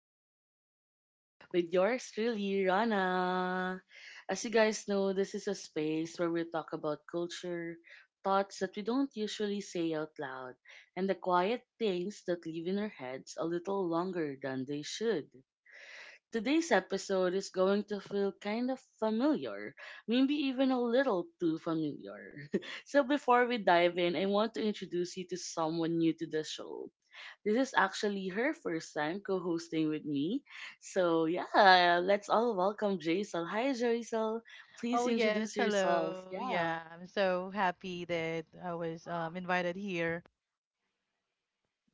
to Talk the Talk with yours truly, Rana. As you guys know, this is a space where we talk about culture, thoughts that we don't usually say out loud, and the quiet things that live in our heads a little longer than they should. Today's episode is going to feel kind of familiar, maybe even a little too familiar. So before we dive in, I want to introduce you to someone new to the show. This is actually her first time co hosting with me. So, yeah, let's all welcome Jaisal. Hi, Jaisal. Please Oh yes, introduce yourself. hello. Yeah, Yeah, I'm so happy that I was invited here.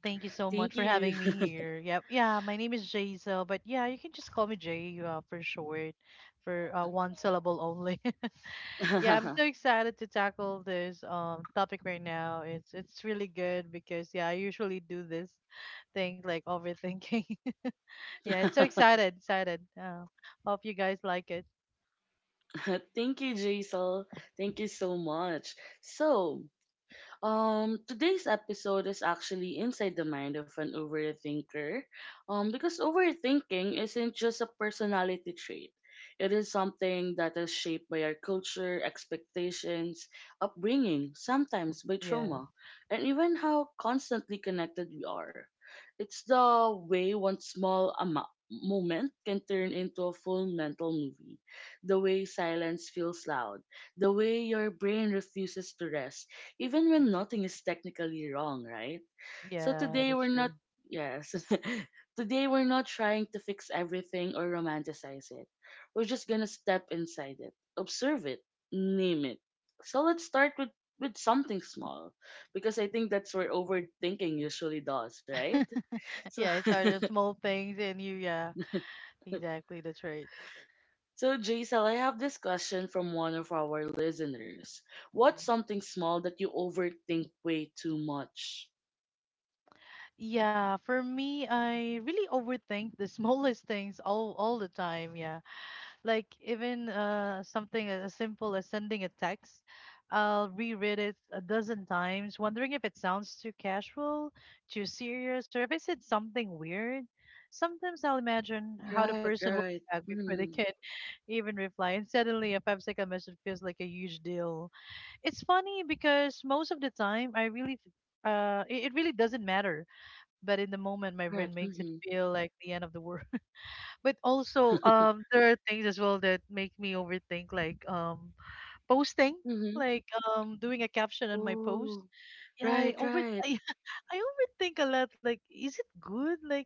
Thank you so much thank for you. having me here. Yep. Yeah, my name is Jaisel, but yeah, you can just call me Jay for short, for one syllable only. Yeah, I'm so excited to tackle this topic right now. It's really good because yeah, I usually do this thing like overthinking. Yeah, it's so excited. Hope you guys like it. Thank you, Jaisal. Thank you so much. So, Today's episode is actually inside the mind of an overthinker. Because overthinking isn't just a personality trait. It is something that is shaped by our culture, expectations, upbringing, sometimes by Yeah, trauma, and even how constantly connected we are. It's the way one small amount moment can turn into a full mental movie. The way silence feels loud. The way your brain refuses to rest even when nothing is technically wrong, right? So yeah, today that's we're true. not, yes, today we're not trying to fix everything or romanticize it. We're just gonna step inside it, observe it, name it. So let's start with something small because I think that's where overthinking usually does, right? So Yeah, it started small things, and you, yeah, exactly, that's right. So, Jaisal, I have this question from one of our listeners. What's Mhm. something small that you overthink way too much? Yeah, for me, I really overthink the smallest things all the time. Yeah. Like even something as simple as sending a text, I'll reread it a dozen times, wondering if it sounds too casual, too serious, or if I said something weird. Sometimes I'll imagine how the Right, person will right. react before they Mm, can even reply, and suddenly a 5-second message feels like a huge deal. It's funny because most of the time I really it really doesn't matter, but in the moment my brain right. makes it Mm-hmm. feel like the end of the world. But also there are things as well that make me overthink, like posting, Mm-hmm. like doing a caption on my post. Oh, Yeah, I right, over right. I, I overthink a lot, like is it good? Like,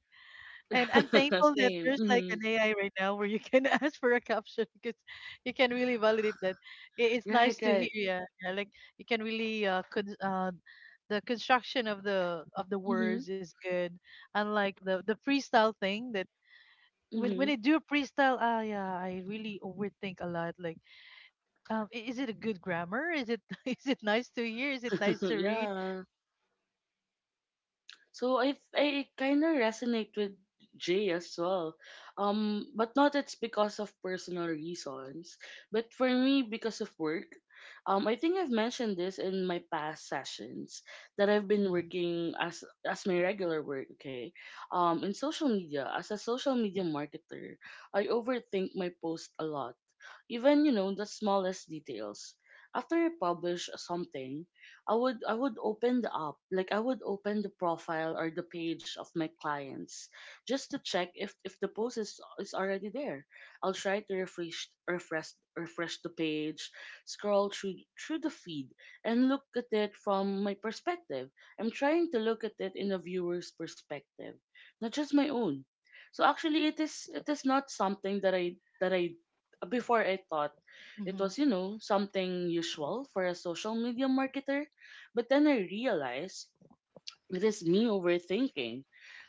and I'm thankful that Same. there's like Mm-hmm. an AI right now where you can ask for a caption, because you can really validate that. It's Right, nice to hear, right. yeah, yeah. Like, you can really the construction of the Mm-hmm. words is good, unlike the freestyle thing, that when Mm-hmm. I do a freestyle, yeah, I really overthink a lot. Like, is it a good grammar? Is it is it nice to hear? Is it nice to read? Yeah. So I kind of resonate with Jay as well. But not it's because of personal reasons, but for me because of work. I think I've mentioned this in my past sessions that I've been Hmm. working as my regular work. Okay, in social media as a social media marketer, I overthink my post a lot, even you know the smallest details. After I publish something, I would open the app, like I would open the profile or the page of my clients just to check if the post is already there. I'll try to refresh the page, scroll through the feed and look at it from my perspective. I'm trying to look at it in a viewer's perspective, not just my own. So actually it is not something that I before I thought it Hmm. was, you know, something usual for a social media marketer, but then I realized it is me overthinking.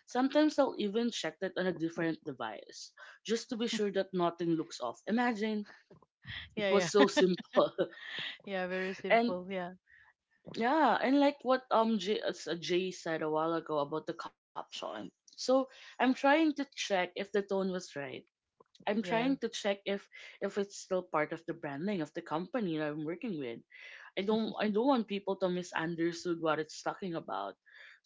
Sometimes I'll even check it on a different device just to be sure that nothing looks off. Imagine, it Yeah, was so yeah, simple. yeah. Very And simple. Yeah. yeah, and like what Jay, Jay said a while ago about the caption. So I'm trying to check if the tone was right. I'm Yes. trying to check if it's still part of the branding of the company that I'm working with. I don't want people to misunderstood what it's talking about.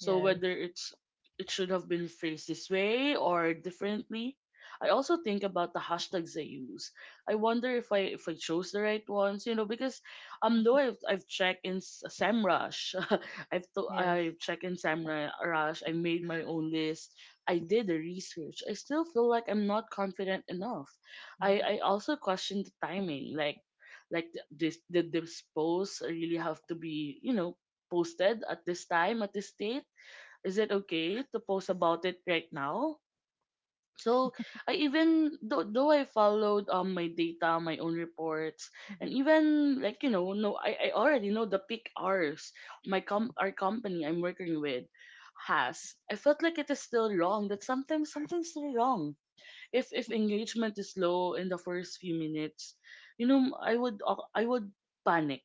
So Yes. whether it's, it should have been phrased this way or differently. I also think about the hashtags I use. I wonder if I chose the right ones, you know, because though I've checked in Samrush, Yes. I've checked in Samrush. I made my own list. I did the research, I still feel like I'm not confident enough. Mm-hmm. I also question the timing, like this, did this post really have to be, you know, posted at this time, at this date? Is it okay to post about it right now? So I, though I followed my data, my own reports, Mm-hmm. and even like you know, no, I already know the peak hours my com our company I'm working with has. I felt like it is still wrong, that sometimes something's still wrong. If engagement is low in the first few minutes, you know, I would panic.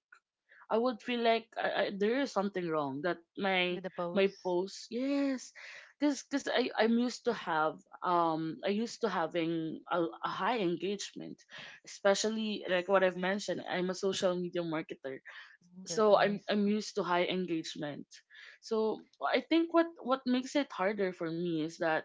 I would feel like there is something wrong that my With the my pose. post yes Because I'm used to have, I used to having a high engagement, especially like what I've mentioned, I'm a social media marketer, Mm, that's so nice. I'm used to high engagement. So I think what makes it harder for me is that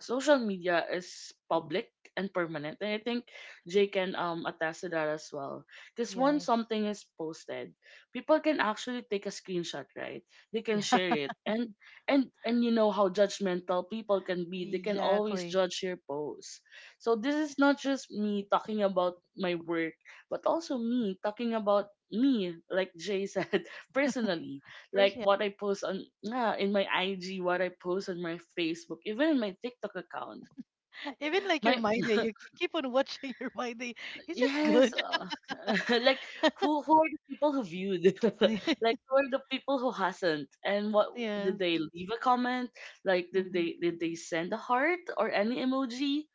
social media is public and permanent, and I think Jay can attest to that as well. Because once Yes. something is posted, people can actually take a screenshot, right? They can Yeah. share it, and you know how judgmental people can be. They can always Exactly. judge your post. So this is not just me talking about my work, but also me talking about me, like Jay said, personally, First, like yeah. what I post on, yeah, in my IG, what I post on my Facebook, even in my TikTok account. Even like your My, My Day, you keep on watching your My Day. Is it good? yes, like who who are the people who viewed? Like who are the people who hasn't? And what, Yes. did they leave a comment? Like did Mm-hmm. they did they send a heart or any emoji?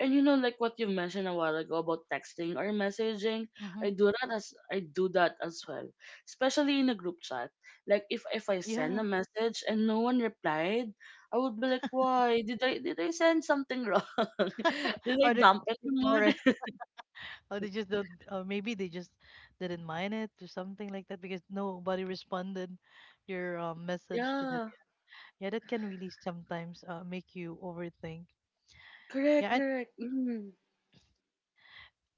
And you know, like what you mentioned a while ago about texting or messaging, Mm-hmm. I do that as I do that as well, especially in a group chat. Like if I send a Yeah. message and no one replied, I would be like, why did I send something wrong? Did I Or they dampen the just ignore mood? it, or they just don't, or maybe they just didn't mind it or something like that, because nobody responded your message to them. Yeah. Yeah, that can really sometimes make you overthink. Correct, Yeah, and, correct. Mm.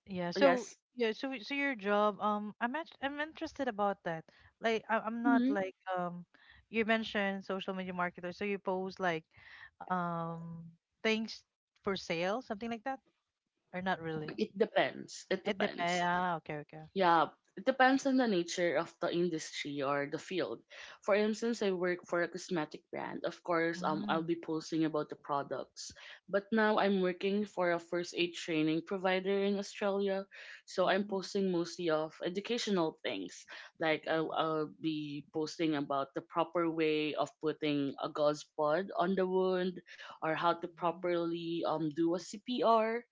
yeah, so, Yes. yeah, so your job, I'm interested about that. Like, I'm not Hmm. like you mentioned social media marketer, so you post like um things for sale, something like that, or not really? It depends. It It depends. depends. Okay, okay. Yeah, it depends on the nature of the industry or the field. For instance, I work for a cosmetic brand. Of course, I'll Mm, be posting about the products. But now I'm working for a first aid training provider in Australia, so I'm mm. posting mostly of educational things. Like I'll be posting about the proper way of putting a gauze pod on the wound, or how to Mhm. properly do a CPR.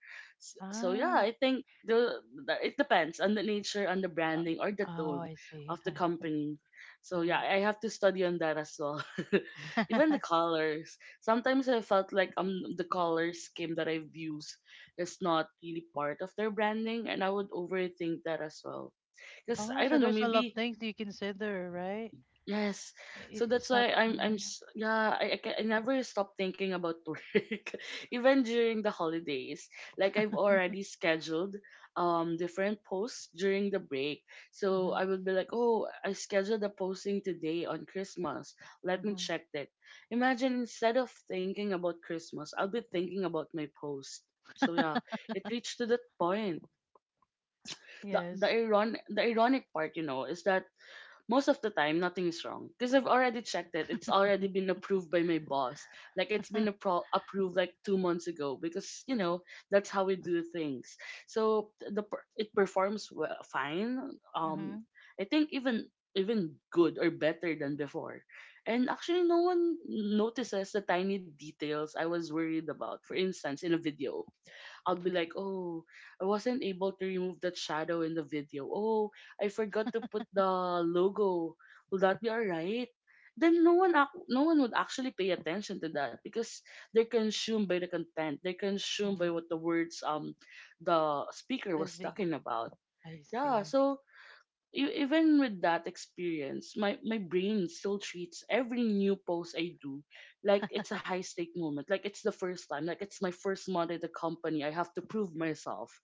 So yeah, Ah, I think the it depends on the nature, on the uh, branding, or the oh, tone I of see. the company. So Mm. yeah, I have to study on that as well. Even the colors. Sometimes I felt like the color scheme that I've used is not really part of their branding, and I would overthink that as well. Because I Oh, so don't know, there's a lot of maybe. things that you consider, right? Yes. So It, that's it's not. why Mm-hmm. Yeah, I never stop thinking about work, even during the holidays. Like I've already scheduled different posts during the break. So I will be like, "Oh, I scheduled a posting today on Christmas. Let me Hmm. check that." Imagine, instead of thinking about Christmas, I'll be thinking about my post. So yeah, it reached to that point. The the Yes. iron the ironic part, you know, is that most of the time nothing's wrong because I've already checked it. It's already been approved by my boss. Like it's been approved like 2 months ago because you know that's how we do things. So it performs well, fine. Um, Mm-hmm. I think even, even good or better than before. And actually no one notices the tiny details I was worried about. For instance, in a video, I'll be like, oh, I wasn't able to remove that shadow in the video. Oh, I forgot to put the logo. Will that be alright? Then no one would actually pay attention to that because they're consumed by the content. They're consumed by Mm-hmm. what the words the speaker was That's big. talking about. I Yeah, see. so even with that experience, my brain still treats every new post I do like it's a high stake moment, like it's the first time, like it's my first month at the company. I have to prove myself.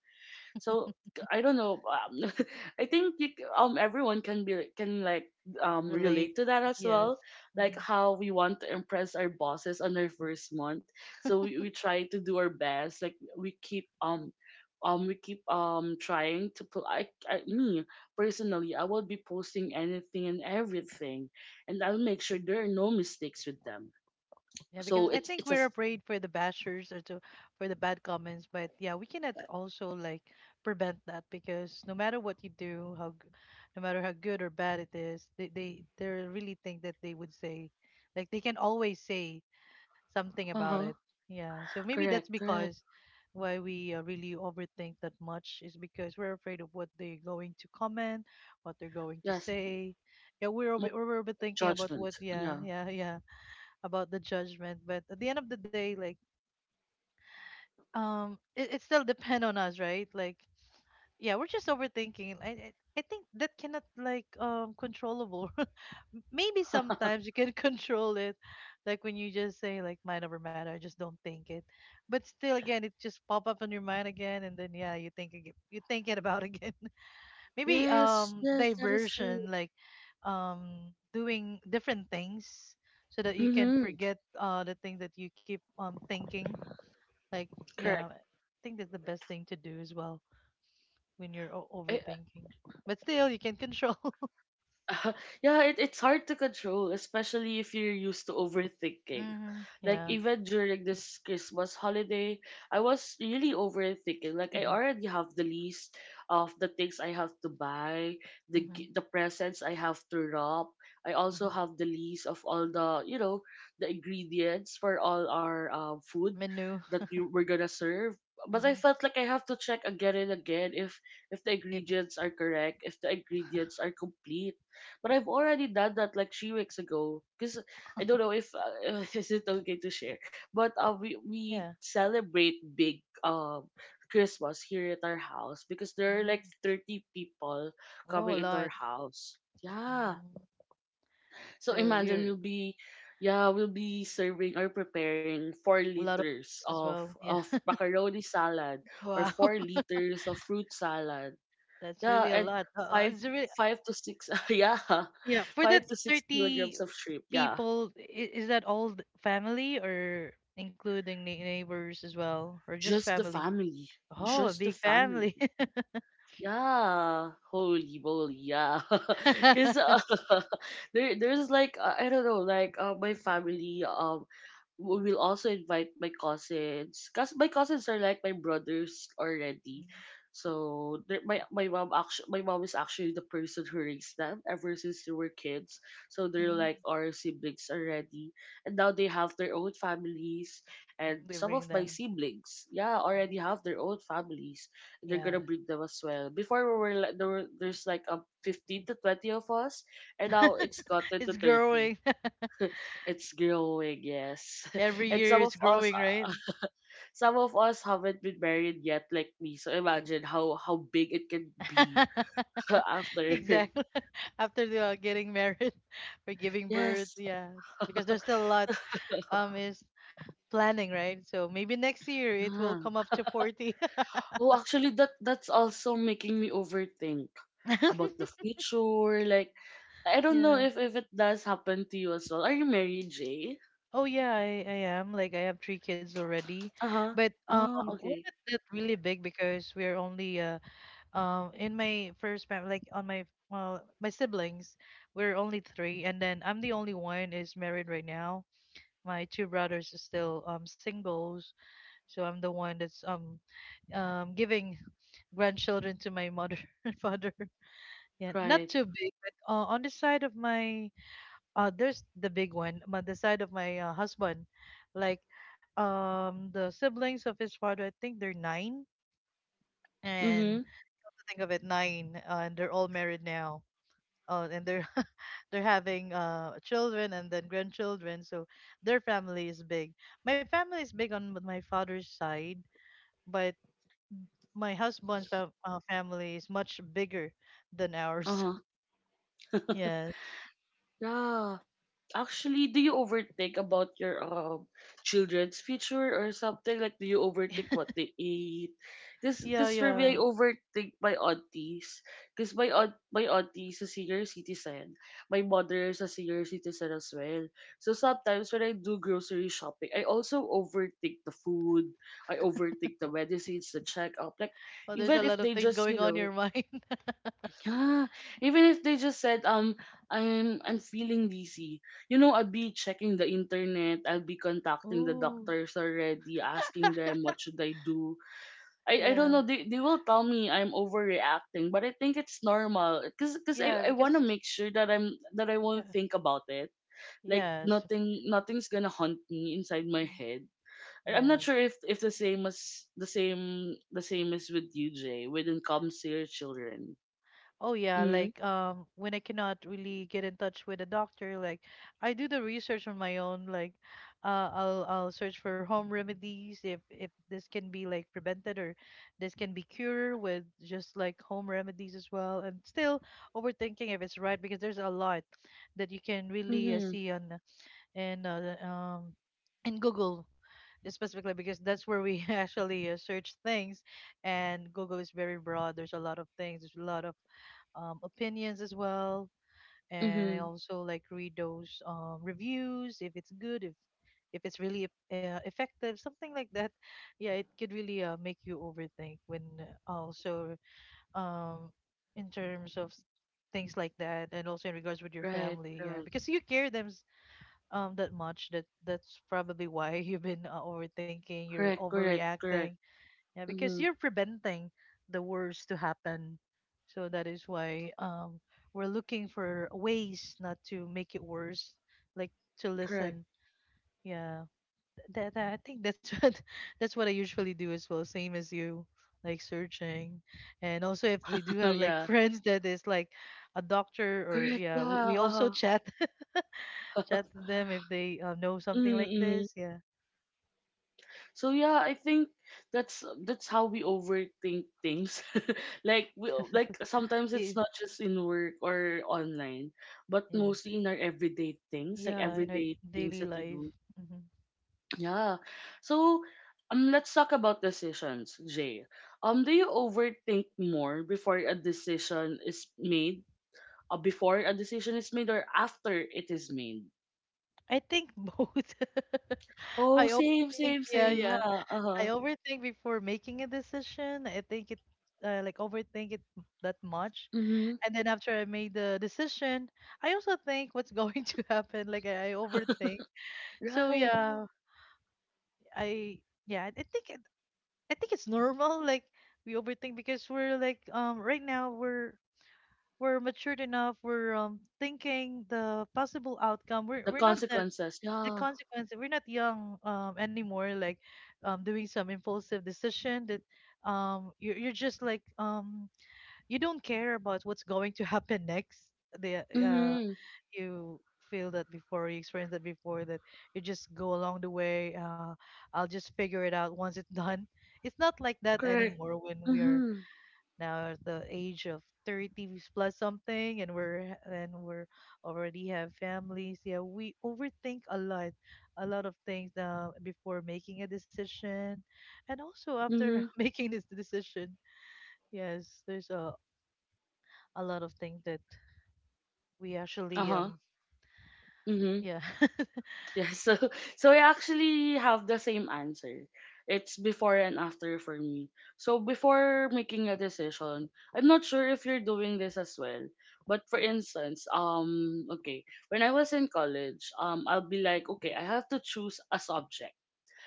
So I don't know. I think everyone can be can like relate Relate. to that as Yes. well. Like Mm-hmm. how we want to impress our bosses on our first month, so we try to do our best. Like we keep trying to put, I me personally I will be posting anything and everything, and I'll make sure there are no mistakes with them. Yeah, So because I think it's a, we're afraid for the bashers, or to, for the bad comments. But yeah, we cannot also like prevent that, because no matter what you do, how no matter how good or bad it is, they really think that they would say, like they can always say something uh about huh, it. Yeah, so maybe that's correct correct, because why we really overthink that much is because we're afraid of what they're going to comment, what they're going to yes, say. Yeah, we're more over, we're overthinking about what. judgment, Yeah, yeah. yeah, yeah, about the judgment. But at the end of the day, like it still depend on us, right? Like, yeah, we're just overthinking. I think that cannot like controllable. Maybe sometimes you can control it. Like, when you just say like mind over matter, I just don't think it. But still again, it just pop up on your mind again, and then yeah, you think again, you think it about again. Maybe Yes, yes, that is true. diversion, like doing different things so that you can Mm-hmm. forget the thing that you keep thinking. Like, yeah, Correct. I think that's the best thing to do as well, when you're I, overthinking. But still you can control. yeah, it's hard to control, especially if you're used to overthinking. Mm-hmm. Like, Yeah. even during this Christmas holiday, I was really overthinking. Like, I Mm-hmm. already have the list of the things I have to buy, Mm-hmm. The presents I have to wrap. I also Mm-hmm. have the list of all the, you know, the ingredients for all our food Menu. that you we're gonna serve. But I Mm-hmm. felt like I have to check again and again if the If it's, ingredients are correct, if the ingredients are complete, but I've already done that like 3 weeks ago because I don't know if is it okay to share. But uh, we yeah, we celebrate big Christmas here at our house because there are mm. like 30 people Oh, a coming into our lot. house. Yeah. Mm. So So imagine you're, we'll be yeah, we'll be serving or preparing four a lot of liters books as of well, yeah. of macaroni salad or Wow. 4 liters of fruit salad. That's Yeah, really a and lot, five it's really. five to six, yeah, Yeah, for that Five to six 30 kilograms of shrimp. Yeah. people, is that all family, or including neighbors as well, or just Just the family? family. Oh, a Just the big family. family. Yeah, holy moly, yeah. Because there's like I don't know, like my family, we will also invite my cousins because my cousins are like my brothers already. So my mom is actually the person who raised them ever since they were kids. So they're Mhm. like our siblings already, and now they have their own families. Mhm. And They some bring of my them. siblings, yeah, already have their own families, they're Yeah. gonna bring them as well. Before we were like there's like 15 to 20 of us, and now it's gotten to It's 30. growing. It's growing, yes. Every and year it's growing, right? some of us haven't been married yet, like me. So imagine how big it can be after. Exactly. After they are getting married, or giving birth, Yes. yeah. Because there's still a lot is planning, right? So maybe next year it will come Ah. up to 40. Oh, actually, that's also making me overthink about the future. Like, I don't know Yeah. If it does happen to you as well. Are you married, Jay? Oh yeah, I am. Like, I have three kids already. Uh huh. But Ah, we're okay. not that really big, because we're only in my first family, like on my, well, my siblings, we're only three, and then I'm the only one is married right now. My two brothers are still singles, so I'm the one that's giving grandchildren to my mother and father. Yeah, not Right. too big, but on the side of my, there's the big one. My The side of my husband, like, the siblings of his father, I think they're nine. And Mm-hmm. think of it, nine and they're all married now, and they're they're having children and then grandchildren, so their family is big. My family is big on my father's side, but my husband's family is much bigger than ours. Uh-huh. Yes. Yeah. Actually, do you overthink about your children's future or something? Like, do you overthink what they eat? Cause, Yeah, cause for me, I yeah, overthink my aunties. Cause my auntie is a senior citizen. My mother is a senior citizen as well. So sometimes when I do grocery shopping, I also overthink the food. I overthink the medicines, the checkup. Like, oh, there's a even if lot of they things just, you going on in know, your mind. yeah, even if they just said I'm feeling dizzy, I'll be checking the internet. I'll be contacting the Ooh. doctors already, asking them what should I do. I don't Yeah. know. They will tell me I'm overreacting, but I think it's normal. Cause I Yeah, I because wanna make sure that I won't yeah. think about it. Like Yes. nothing nothing's gonna haunt me inside my Mhm. head. I'm Yes. not sure if the same is with you, Jay. When it comes to your children. Oh yeah, Mm-hmm. like when I cannot really get in touch with a doctor, like, I do the research on my own. Like, I'll search for home remedies if this can be like prevented, or this can be cured with just like home remedies as well. And still overthinking if it's right, because there's a lot that you can really Mm-hmm. see on and in Google, specifically, because that's where we actually search things, and Google is very broad. There's a lot of things, there's a lot of opinions as well. And I Mm-hmm. also like read those reviews, if it's good, if it's really effective, something like that. Yeah, it could really make you overthink, when also um, in terms of things like that, and also in regards with your Right, family, yeah, right. because you care them that much, that's probably why you've been overthinking, you're Correct, correct, overreacting. correct. Yeah, because Mm-hmm. you're preventing the worst to happen. So that is why we're looking for ways not to make it worse, like, to Correct. listen, yeah. That I think that's what, that's what I usually do as well, same as you. Like, searching, and also if we do have like yeah. friends that is like a doctor, or Correct. yeah, we, Yeah. we also Uh-huh. chat to them if they know something like Mm-hmm. Mm-hmm. this. Yeah. So yeah, I think that's how we overthink things. like we like sometimes it's Y- not just in work or online, but Yeah. mostly in our everyday things, like Yeah, in our everyday things daily that we life. do. Hmm. Yeah. So let's talk about decisions, Jay. Do you overthink more before a decision is made? Or after it is made. I think both. Oh, I same, overthink, same, yeah, same. yeah. Yeah. Uh I huh. overthink before making a decision. Like overthink it that much. Mhm. And then after I made the decision, I also think what's going to happen. Like, I overthink. So Right. yeah, I yeah, I think it, I think it's normal. Like, we overthink because we're like right now we're matured enough, we're thinking the possible outcome. we're, The we're not the, consequences. the Yeah. consequence, we're not young anymore, like doing some impulsive decision that, you're just like you don't care about what's going to happen next. The Yeah, Mhm. you feel that, before you experience that, before that you just go along the way, I'll just figure it out once it's done. It's not like that Correct. anymore when we are Mhm. now the age of 30 plus something, and we're already have families. Yeah, we overthink a lot, a lot of things now before making a decision, and also after Mhm. making this decision. Yes, there's a lot of things that we Uh actually huh. Mhm. yeah. Yeah, so so I actually have the same answer. It's before and after for me. So before making a decision, I'm not sure if you're doing this as well. But for instance, okay, when I was in college, I'll be like, okay, I have to choose a subject.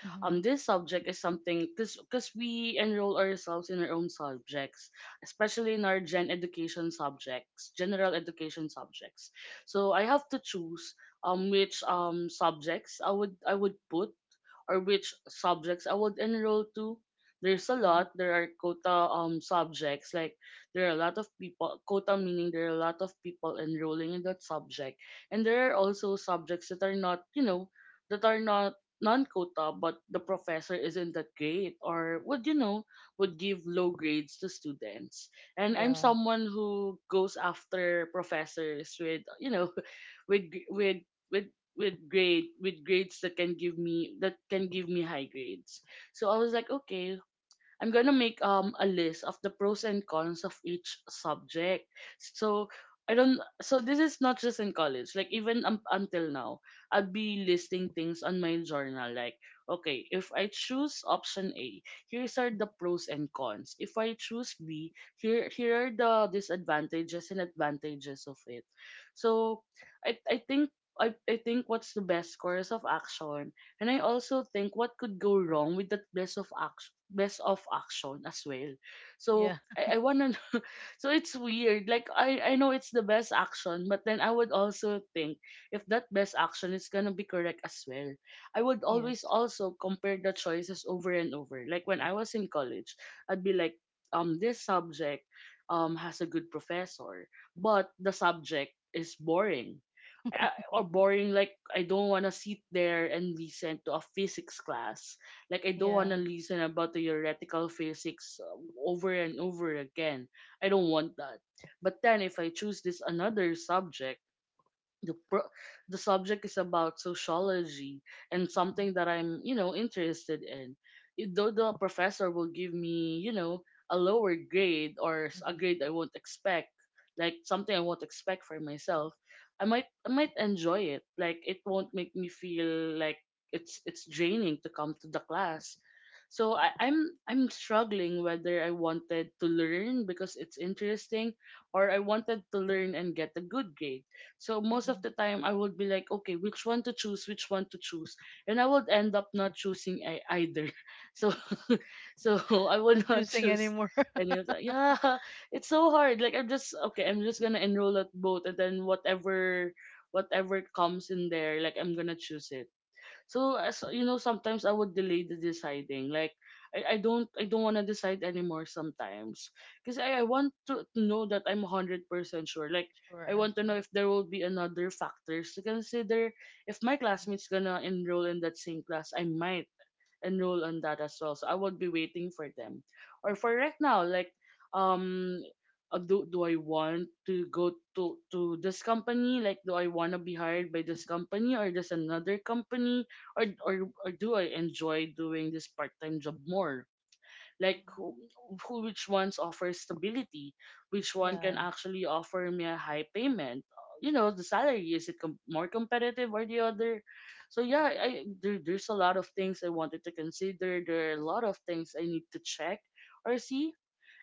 Hmm. This subject is something Because we enroll ourselves in our own subjects, especially in our general education subjects. So I have to choose which subjects I would put, or which subjects I would enroll to. There's a Hmm. lot. There are quota subjects. Like there are a lot of people quota meaning there are a lot of people enrolling in that subject, and there are also subjects that are not, that are not non-quota, but the professor isn't that great, or would, would give low grades to students, and I'm Yeah, someone who goes after professors with, with with with with grades that can give me, high grades. So I was like, okay, I'm gonna make a list of the pros and cons of each subject. So I don't. So this is not just in college. Like even until now, I'd be listing things on my journal. Like, okay, if I choose option A, here's are the pros and cons. If I choose B, here are the disadvantages and advantages of it. So I think, I think what's the best course of action, and I also think what could go wrong with that best of action as well. yeah, So I wanna so it's weird. Like I know it's the best action, but then I would also think if that best action is gonna be correct as well. I would always yes, also compare the choices over and over. Like when I was in college, I'd be like, this subject has a good professor, but the subject is boring. I- or boring like I don't want to sit there and listen to a physics class. Like I don't want yeah. to listen about the theoretical physics over and over again. I don't want that. But then if I choose this another subject, the pro- the subject is about sociology and Hmm. something that I'm, interested in. Though the professor will give me, a lower grade, or a Hmm. grade I won't expect, like something I won't expect for myself, I might enjoy it. Like it won't make me feel like it's draining to come to the class. So I'm struggling whether I wanted to learn because it's interesting, or I wanted to learn and get a good grade. So most of Hmm. the time, I would be like, okay, which one to choose, which one to choose, and I would end up not choosing either. So, so I would Not not choosing choose. anymore. And he was like, yeah, it's so hard. Like I'm just okay, I'm just gonna enroll at both, and then whatever comes in there, like I'm gonna choose it. So as you know, sometimes I would delay the deciding. Like I Mhm. don't wanna decide anymore sometimes. Cause I want to know that I'm 100% sure. Like I Sure. want to know if there will be another factors to consider. If my Mhm. classmates gonna enroll in that same class, I might enroll on that as well. So I will be waiting for them. Or for right now, like um do I want to go to this company? Like do I wanna be hired by this company or this another company? Or or or do I enjoy doing this part time job more? Like Mhm. Who, which ones offer stability, which one can Yeah. actually offer me a high payment, you know, the salary, is it more competitive or the other? So yeah, there's a lot of things I wanted to consider, there are a lot of things I need to check or see.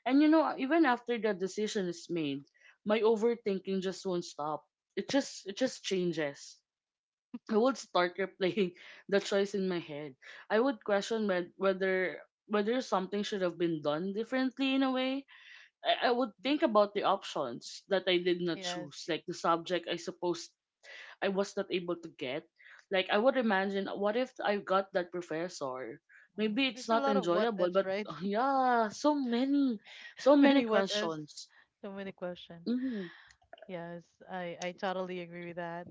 And you know, even after the decision is made, my overthinking just won't stop, it just changes. I would start replaying the choice in my head. I would question whether something should have been done differently in a way. I would think about the options that I did not Yes. choose, like the subject I suppose I was not able to get. Like I would imagine, what if I got that professor? Mm, Maybe there's it's a lot not of what enjoyable, ifs, but right? Yeah, so many, so many Many what ifs, questions. so many questions. Mm-hmm. Yes, I totally agree with that.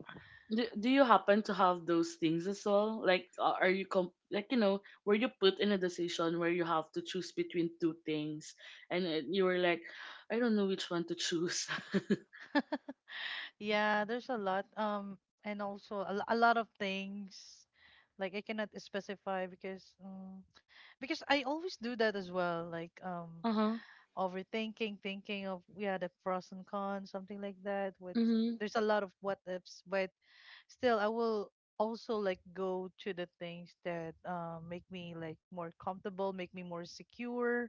do you happen to have those things as well? Like, are you like, you know, were you put in a decision where you have to choose between two things, and you were like, I don't know which one to choose. Yeah, there's a lot. And also a lot of things. Like, I cannot specify, because I always do that as well. Like Uh huh. overthinking, thinking of yeah the pros and cons, something like that. With Mhm. there's a lot of what ifs, but still I will also like go to the things that make me like more comfortable, make me more secure.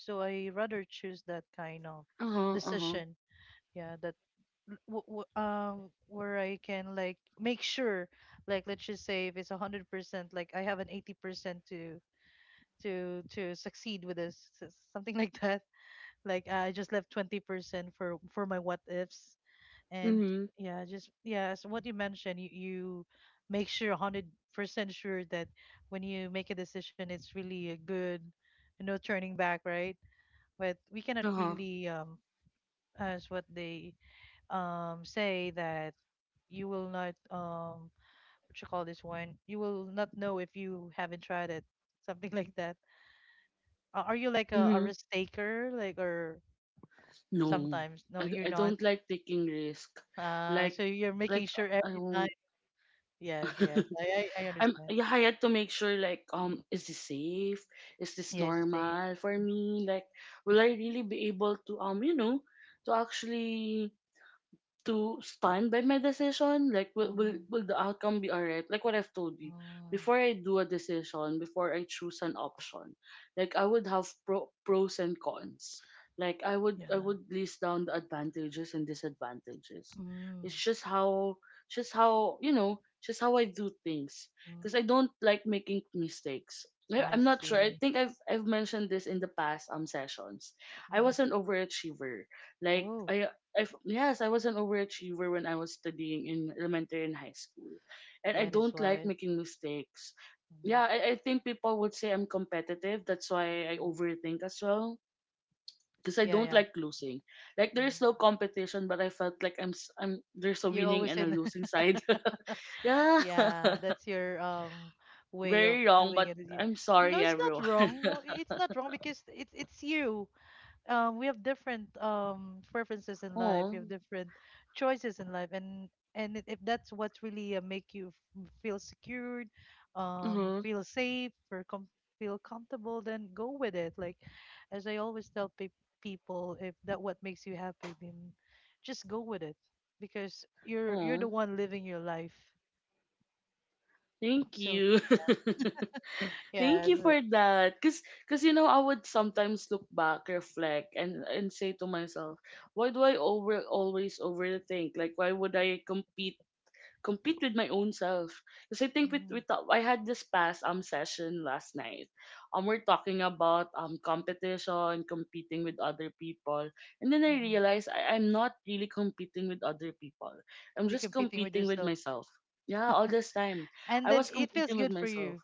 So I rather choose that kind of Uh huh. Uh huh. decision. Yeah, that where I can like make sure, like let's just say if it's 100%, like I have an 80% to to succeed with this something like that. Like I just left 20% for my what ifs. And Mhm. yeah, just yeah, as what you mentioned, you make sure 100% sure that when you make a decision it's really a good, no turning back, right? But we cannot Uh huh. really as what they say that you will not what you call this one, you will not know if you haven't tried it, something like that. Are you like a Mhm. risk taker, like, or No, sometimes no, you're I not? don't like taking risk. So Like you're making like sure I every time. won't. Yes, yes. I I'm, understand. yeah, I had to make sure, like, is this safe? Is this Yes, it's a. normal for me? Like will I really be able to you know, to actually to stand by my decision? Like, Mm-hmm. will the outcome be alright? Like what I've told you, Oh, before I do a decision, before I choose an option, like I would have pros and cons. Like I yeah. would list down the advantages and disadvantages. Mm, It's just how, you know, just how I do things, mm, because I don't like making mistakes. I I'm not sure. I see. think I've mentioned this in the past sessions. I Hmm. was an overachiever, like Oh, I I yes, I was an overachiever when I was studying in elementary and high school, and I that is don't like why. making mistakes. Mm-hmm. Yeah, I think people would say I'm competitive. That's why I overthink as well because I Yeah, don't yeah. like losing. Like there's no Mm. competition, but I felt like I'm there's a You're winning always and a in. losing side. Yeah, Yeah, that's your way of very wrong, doing but it. You- I'm No, sorry, it's not everyone. wrong. No, it's not wrong because it's you. We have different preferences in life, we Oh, have different choices in life. And if that's what really make you feel secured, uh-huh. feel safe, or feel comfortable, then go with it. Like, as I always tell people, if that what makes you happy, then just go with it, because you're Oh, the one living your life. thank So you. yeah, Thank you sure. for that. Cause, I would sometimes look back, reflect, and say to myself, why do I over always overthink? Like, why would I compete with my own self? Cause I think with Mhm, with I had this past session last night. We're talking about competition, competing with other people, and then I mhm. realized I'm not really competing with other people. I'm You're just competing with competing with yourself, myself. Yeah, all this time and I then was it feels competing with good for myself. you.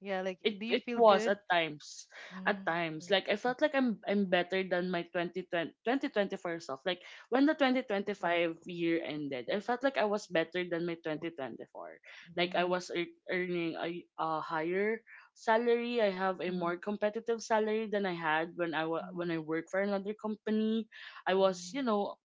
Yeah, like, It do you feel was good? at times, at Mm, times. yes. Like I felt like I'm better than my 2020, self. Like when the 2025 year ended, I felt like I was better than my 2024. Like I Mhm, was earning a higher salary. I have a mhm, more competitive salary than I had when mhm, when I worked for another company. I was, you mhm, know,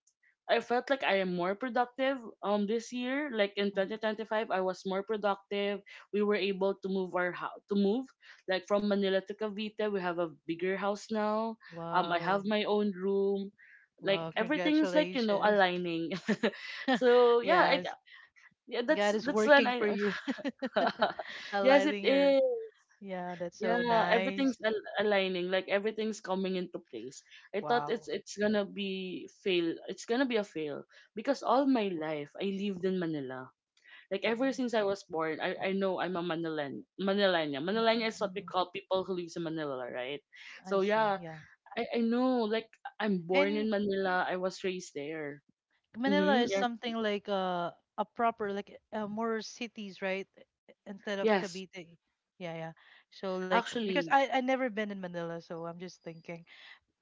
I felt like I am more productive this year. Like in mhm. 2025, I was more productive. We were able to move our house, to move like from Manila to Cavite. We have a bigger house now. I Wow. have my own room. Like Wow. everything's, like, you know, Congratulations. aligning. So yeah, I Yes. yeah, that's God is when working for I you. yes it Aligning your, is. yeah, that's so Yeah, nice. everything's aligning, like everything's coming into place. I thought Wow. it's gonna be fail. It's gonna be a fail because all my life I lived in Manila. Like ever Mhm. since I was born, I know I'm a Manilan. Manilanya. Manilanya Yeah, is what we mm, call people who lives in Manila, right? I So see. yeah, Yeah. I know like I'm born And in Manila. I was raised there. Manila Mm-hmm. is Yes. something like a proper, like, more cities, right? Instead of Yes. Cavite. Yeah, yeah. So, like, because Actually, I never been in Manila, so I'm just thinking.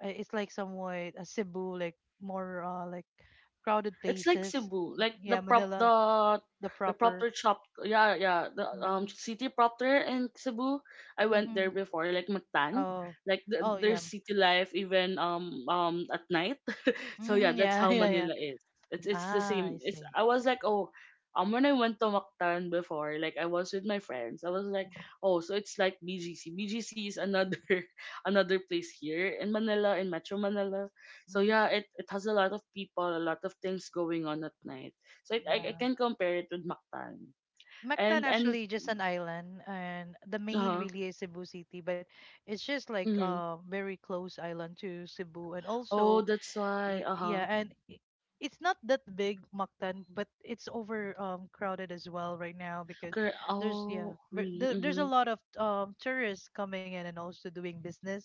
It's like somewhat Cebu, like more, like, crowded it's like places. Cebu, like Yeah, Manila, the the proper. proper shop. Yeah, yeah. The Mm. city proper in Cebu. I went Mm-hmm. there before, like Mactan. Oh, Like oh yeah. there's city life even at night. So yeah, Mm-hmm. that's Yeah, how yeah, yeah. Manila is. It's the Ah, I same. It's see. I was like, oh, when I went to Mactan before, like I was with my friends. I was like, oh, so it's like BGC. BGC is another another place here in Manila, in Metro Manila. So Mhm. yeah, it has a lot of people, a lot of things going on at night. So it, I Yeah. can compare it with Mactan. Mactan And actually just an island, and the uh main huh. really is Cebu City, but it's just like Mm-hmm. a very close island to Cebu, and Oh, also. that's why. Uh huh. Yeah, and it's not that big, Mactan, but it's over crowded as well right now because Okay. there's, yeah, Oh, but really? there's a Mm-hmm. lot of tourists coming in and also doing business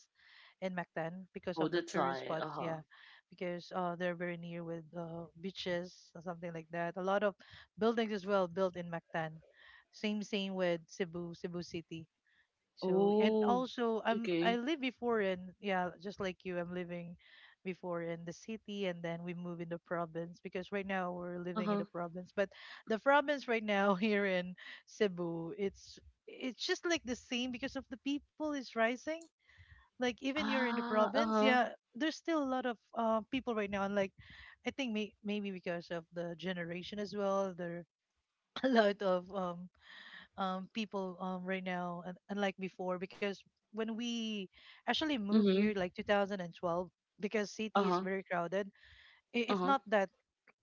in Mactan because Oh, of the that's tourist why. Uh spots, huh. yeah, because they're very near with beaches or something like that. A lot of buildings as well built in Mactan. Same with Cebu, Cebu City. So and Oh, also I okay. live before in, yeah, just like you, I'm living before in the city and then we move in the province, because right now we're living in Uh-huh. the province. But the province right now here in Cebu, it's just like the same because of the people is rising. Like even you're in the Ah, province, uh-huh. yeah, there's still a lot of people right now, and like I think maybe because of the generation as well, there a lot of people right now, unlike before, because when we actually move Mm-hmm. here like 2012, because city is Uh-huh. very crowded, it's Uh-huh. not that,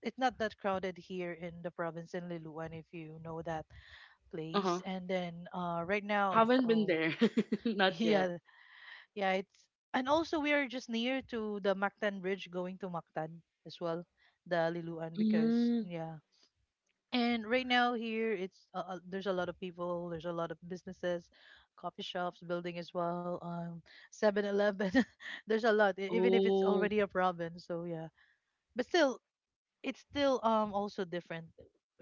it's not that crowded here in the province in Liloan, if you know that Uh-huh. place. And then right now, Haven't been oh, there. Not yet. yeah, yeah, it's, and also we are just near to the Mactan Bridge going to Mactan as well, the Liloan, because Mm. yeah. And right now here, it's there's a lot of people, there's a lot of businesses, coffee shops building as well, 7-Eleven. There's a lot, even if it's Oh. already a province. So yeah, but still, it's still also different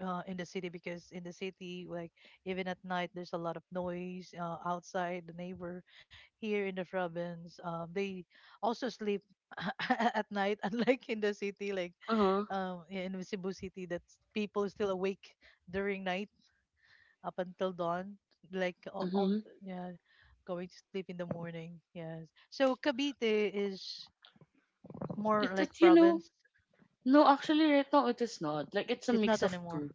in the city, because in the city, like, even at night, there's a lot of noise outside the neighbor. Here in the province, they also sleep at night, unlike in the city, like Uh-huh. In Cebu City, that people still awake during night up until dawn, like on, Mm-hmm. yeah, going to sleep in the morning. Yes. So Cavite is more It, like it, you know, province. no, actually right now it is not. Like it's a It's not mix of anymore. two.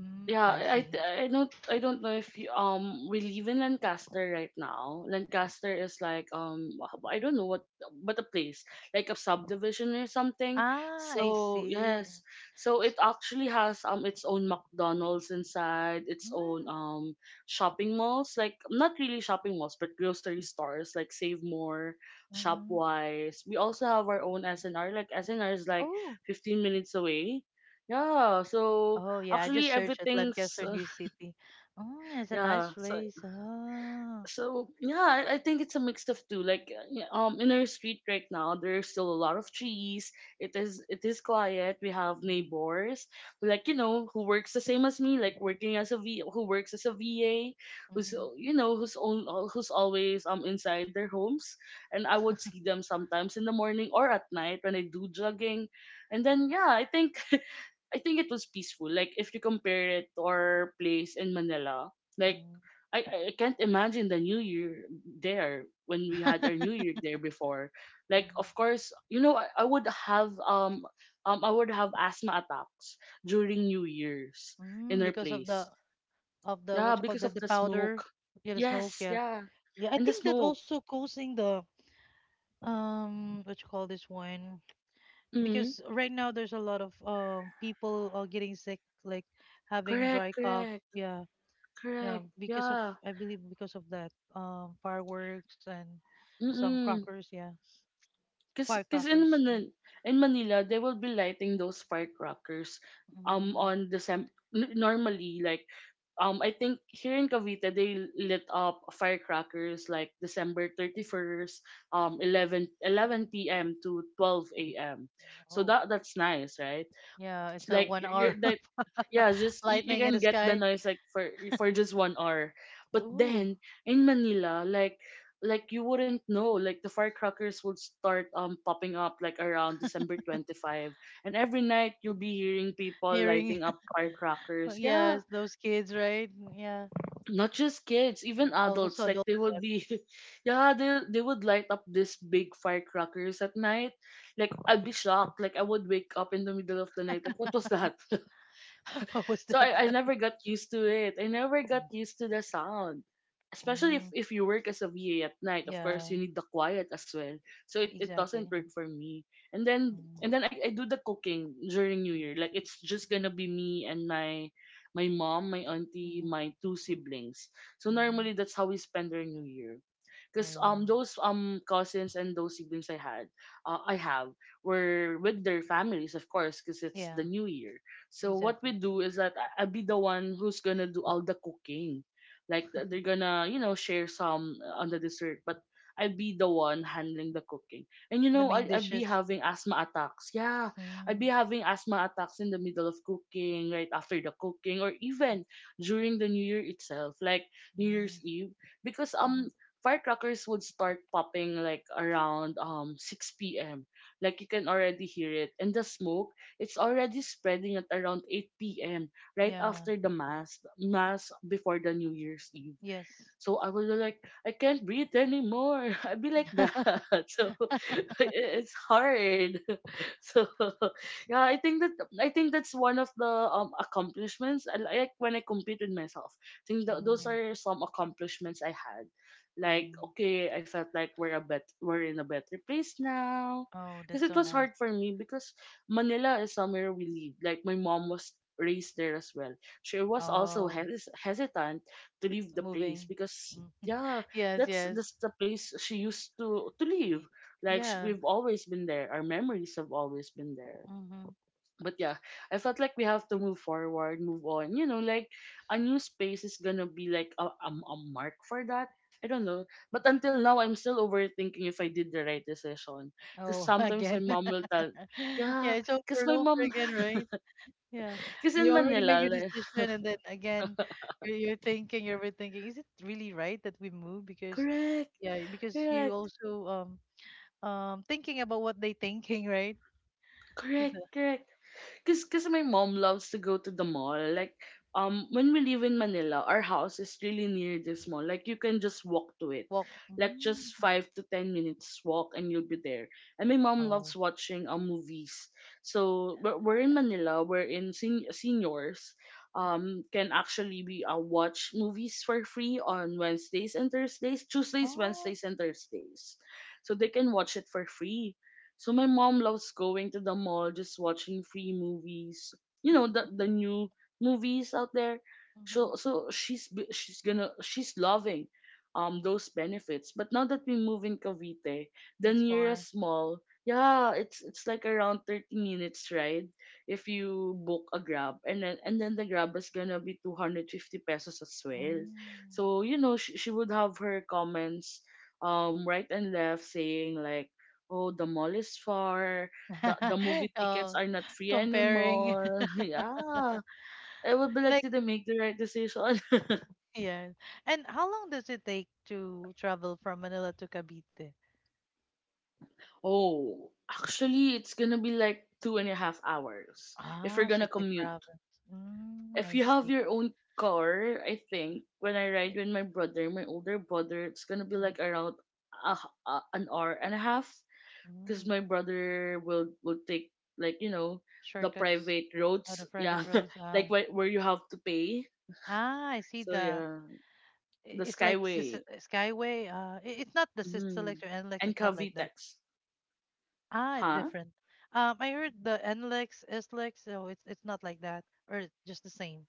Mm, Yeah, I see. I don't know if you, we live in Lancaster right now. Lancaster is like I don't know what, but a place like a subdivision or something. Ah, I So see. yes, so it S- actually has its own McDonald's inside, its own Mm, shopping malls, like not really shopping malls but grocery stores, like Save More, mm-hmm. Shopwise. We also have our own SNR, like SNR is like Oh, 15 minutes away. Yeah, so oh yeah. I actually just searched at everything's Lancaster New City. Mm, it's a nice yeah so place. Ah. so yeah I think it's a mix of two, like yeah, in our street right now there's still a lot of trees. It is it is quiet. We have neighbors, like you know, who works the same as me like working as a v who works as a va, who's Mm-hmm. You know, who's always inside their homes, and I would see them sometimes in the morning or at night when I do jogging. And then yeah I think it was peaceful. Like if you compare it to our place in Manila, like I, I can't imagine the New Year there when we had our New Year there before. Like of course, you know I would have asthma attacks during New Year's in Mm, our because of the place. of the Yeah, what you call, because the of the the powder, smoke. yeah, the smoke. Yes, Yeah, yeah. yeah, I And the think that smoke. also causing the what you call this one, Mm-hmm. because right now there's a lot of people are getting sick, like having dry Correct, cough. correct, Yeah, yeah, correct. because of, Yeah. I believe because of that fireworks and some Mm-mm. crackers, yeah, Cause, cause in firecrackers. Manila, in Manila, they will be lighting those firecrackers, Mm. on December. Normally, like, I think here in Cavite they lit up firecrackers like December 31st, Mm, 11 11 p.m. to 12 a.m. So oh that's nice, right? yeah, It's it's a like one you're hour like yeah, just you lightning in can the get the sky. noise like for just 1 hour. But Ooh. then in Manila, like you wouldn't know, like the firecrackers would start popping up like around December 25, and every night you'll be hearing people Hearing. lighting up Well, firecrackers. Yeah, yes, those kids, right? Yeah. not just kids, Yeah. even Also adults. Like adults, they would yes. be, yeah, they would light up these big firecrackers at night. Like I'd be shocked. Like I would wake up in the middle of the night. Like what was that? What was So that? I never got used to it. I never got Mm, used to the sound. Especially mm, if you work as a VA at night, of course yeah, you need the quiet as well. So it doesn't exactly. work for me. And then Mm, and then I do the cooking during New Year. Like it's just gonna be me and my mom, my auntie, mhm, my two siblings. So mhm. normally that's how we spend our New Year. Cause Oh, those cousins and those siblings I had, I have were with their families of course, cause it's the yeah, New Year. So what we exactly. do is that I'll be the one who's gonna do all the cooking. Like they're gonna, you know, share some on the dessert, but I'll be the one handling the cooking. And you The know, main I'd be dishes. having asthma attacks. Yeah, I'd be Mm, having asthma attacks in the middle of cooking, right after the cooking, or even during the New Year itself, like New Year's mm, Eve, because mhm. Firecrackers would start popping like around 6 p.m. Like you can already hear it, and the smoke it's already spreading at around 8 p.m., right Yeah, after the Mass before the New Year's Eve. yes. So I was like, I can't breathe anymore. I'd be like that. So it's hard. So yeah, I think that I think that's one of the accomplishments. I like when I compete with myself. I think those Mm, are some accomplishments I had. Like mm. okay, I felt like we're in a better place now. Oh, Because that's it so was nice. hard for me because Manila is somewhere we live. Like my mom was raised there as well. She was also Oh, hesitant to leave the place moving. because Mm. yeah Yes, yes. that's the place she used to live, Y- like Yeah. we've always been there, our memories have always been there, Mm-hmm. but yeah I felt like we have to move forward, move on, you know, like a new space is gonna be like a mark for that. I don't know, but until now I'm still overthinking if I did the right decision, because Oh, sometimes my again. mom will tell Yeah, yeah it's over because and my over mom again, right? Yeah. because You in already made Manila, your like, decision, and then again you're thinking, you're rethinking, is it really right that we move? Because correct yeah, because you correct also thinking about what they thinking, right? The correct. Cause my mom loves to go to the mall. Like when we live in Manila, our house is really near this mall. Like you can just walk to it. walk. Like just Mm. 5 to 10 minutes walk and you'll be there. And my mom Oh. loves watching movies. So we're uh, in Manila, seniors can actually be watch movies for free on Wednesdays and Thursdays, Tuesdays, Oh. Wednesdays and Thursdays. So they can watch it for free. So my mom loves going to the mall, just watching free movies. You know the new movies out there. Hmm. So so she's gonna she's loving those benefits. But now that we move in Cavite, the It's for. nearest mall, yeah, it's like around 30 minutes ride if you book a Grab, and then the Grab is gonna be 250 pesos as well. Mm. So you know she would have her comments right and left, saying like, oh, the mall is far. The movie tickets Oh, are not free comparing. anymore. Yeah. I would be like, Like. did I make the right decision? Yes. And how long does it take to travel from Manila to Cavite? Oh, actually, it's gonna be like two and a half hours if Ah, you're so gonna it's like commute. province. Mm, If I you have see. your own car, I think when I Eh, ride with my brother, my older brother, it's gonna be mm, like around an hour and a half because mm. my brother will take like you know the Shortcuts private out roads. of Yeah, private roads. Ah, like where you have to pay. ah, I see So the. yeah, the It's like Sis, Skyway Skyway. It's not the Sisalix mm. or NLEX. It's and not like that. Cavitex, Ah, it's huh? different. I heard the NLEX, SLEX. So it's not like that, or it's just the same.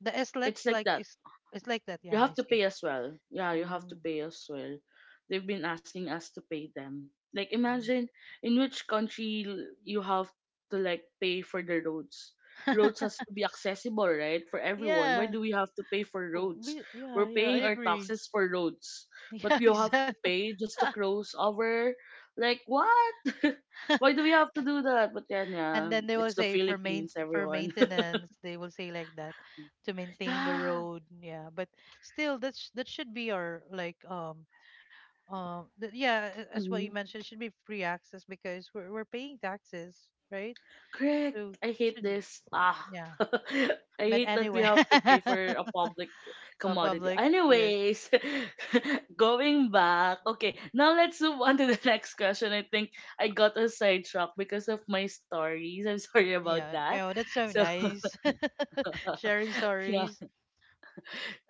The It's SLEX, like like, that. is it's like that. You Yeah, I have to see. pay as well. Yeah, you have to Mm, pay as well. They've been asking us to pay them. Like mm. imagine in which country you have to like pay for the roads. Roads has to be accessible, right? For everyone. Why Yeah. do we have to pay for Oh, roads? Yeah, We're yeah, I paying our agree. taxes for roads. But Yeah, we have to exactly. pay just to close our like what? Why do we have to do that? But yeah, And yeah. then they will It's the say for main Philippines, for everyone. maintenance, they will say like that, to maintain the yeah. road. Yeah, but still, that should be our, like, yeah, as what you Mm-hmm. mentioned, it should be free access because we're paying taxes, right? Correct. So I hate should, this. Ah. yeah. I But hate that we anyway, have to pay for a public for commodity. public, yes, Anyways, going back. Okay, now let's move on to the next question. I think I got a sidetrack because of my stories. I'm sorry about yeah. that. Oh, that's so So, nice. Sharing yeah. stories.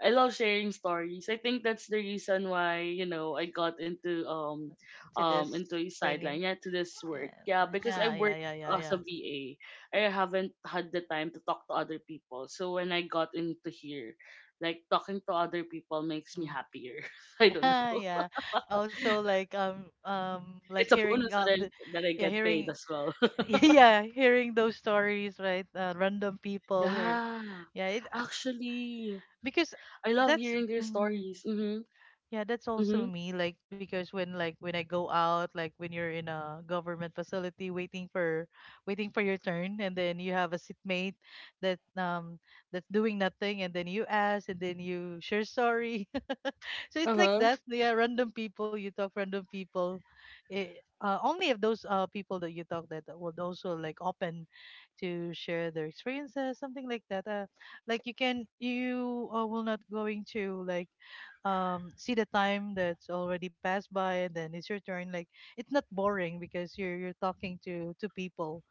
I love sharing stories. I think that's the reason why, I got To this into a thingy. sideline, yeah, to this work. And, Yeah, because I yeah, yeah, work yeah, yeah, as a yeah. VA. I haven't had the time to talk to other people. So when I got into here, like talking to other people makes me Mm. happier. I don't Yeah, know. yeah. Also, like, like It's a hearing, bonus the, that I yeah, get paid hearing, as well. yeah, hearing those stories, right? Random people here. yeah. Yeah, Actually, because I love that's, hearing their mm, stories. Mhm. yeah, that's also Mhm. me. Like, because when, like when I go out, like when you're in a government facility waiting for, waiting for your turn, and then you have a seatmate that that's doing nothing, and then you ask, and then you sure sorry, so it's like Uh-huh. that. Yeah, random people you talk, random people. eh, Only if those people that you talk that would also like open to share their experiences, something like that. Like you can, you, will not going to like, see the time that's already passed by, and then it's your turn. Like it's not boring because you're talking to people,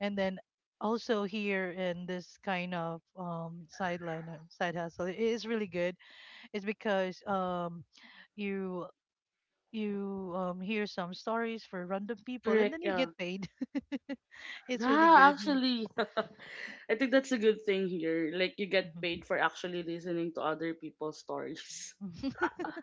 and then also here in this kind of sideline, side hustle, it is really good is because you you hear some stories for random people and Correct, then you get yeah. paid. It's really Yeah, good. actually. I think that's a good thing here. Like you get Mhm. paid for actually listening to other people's stories.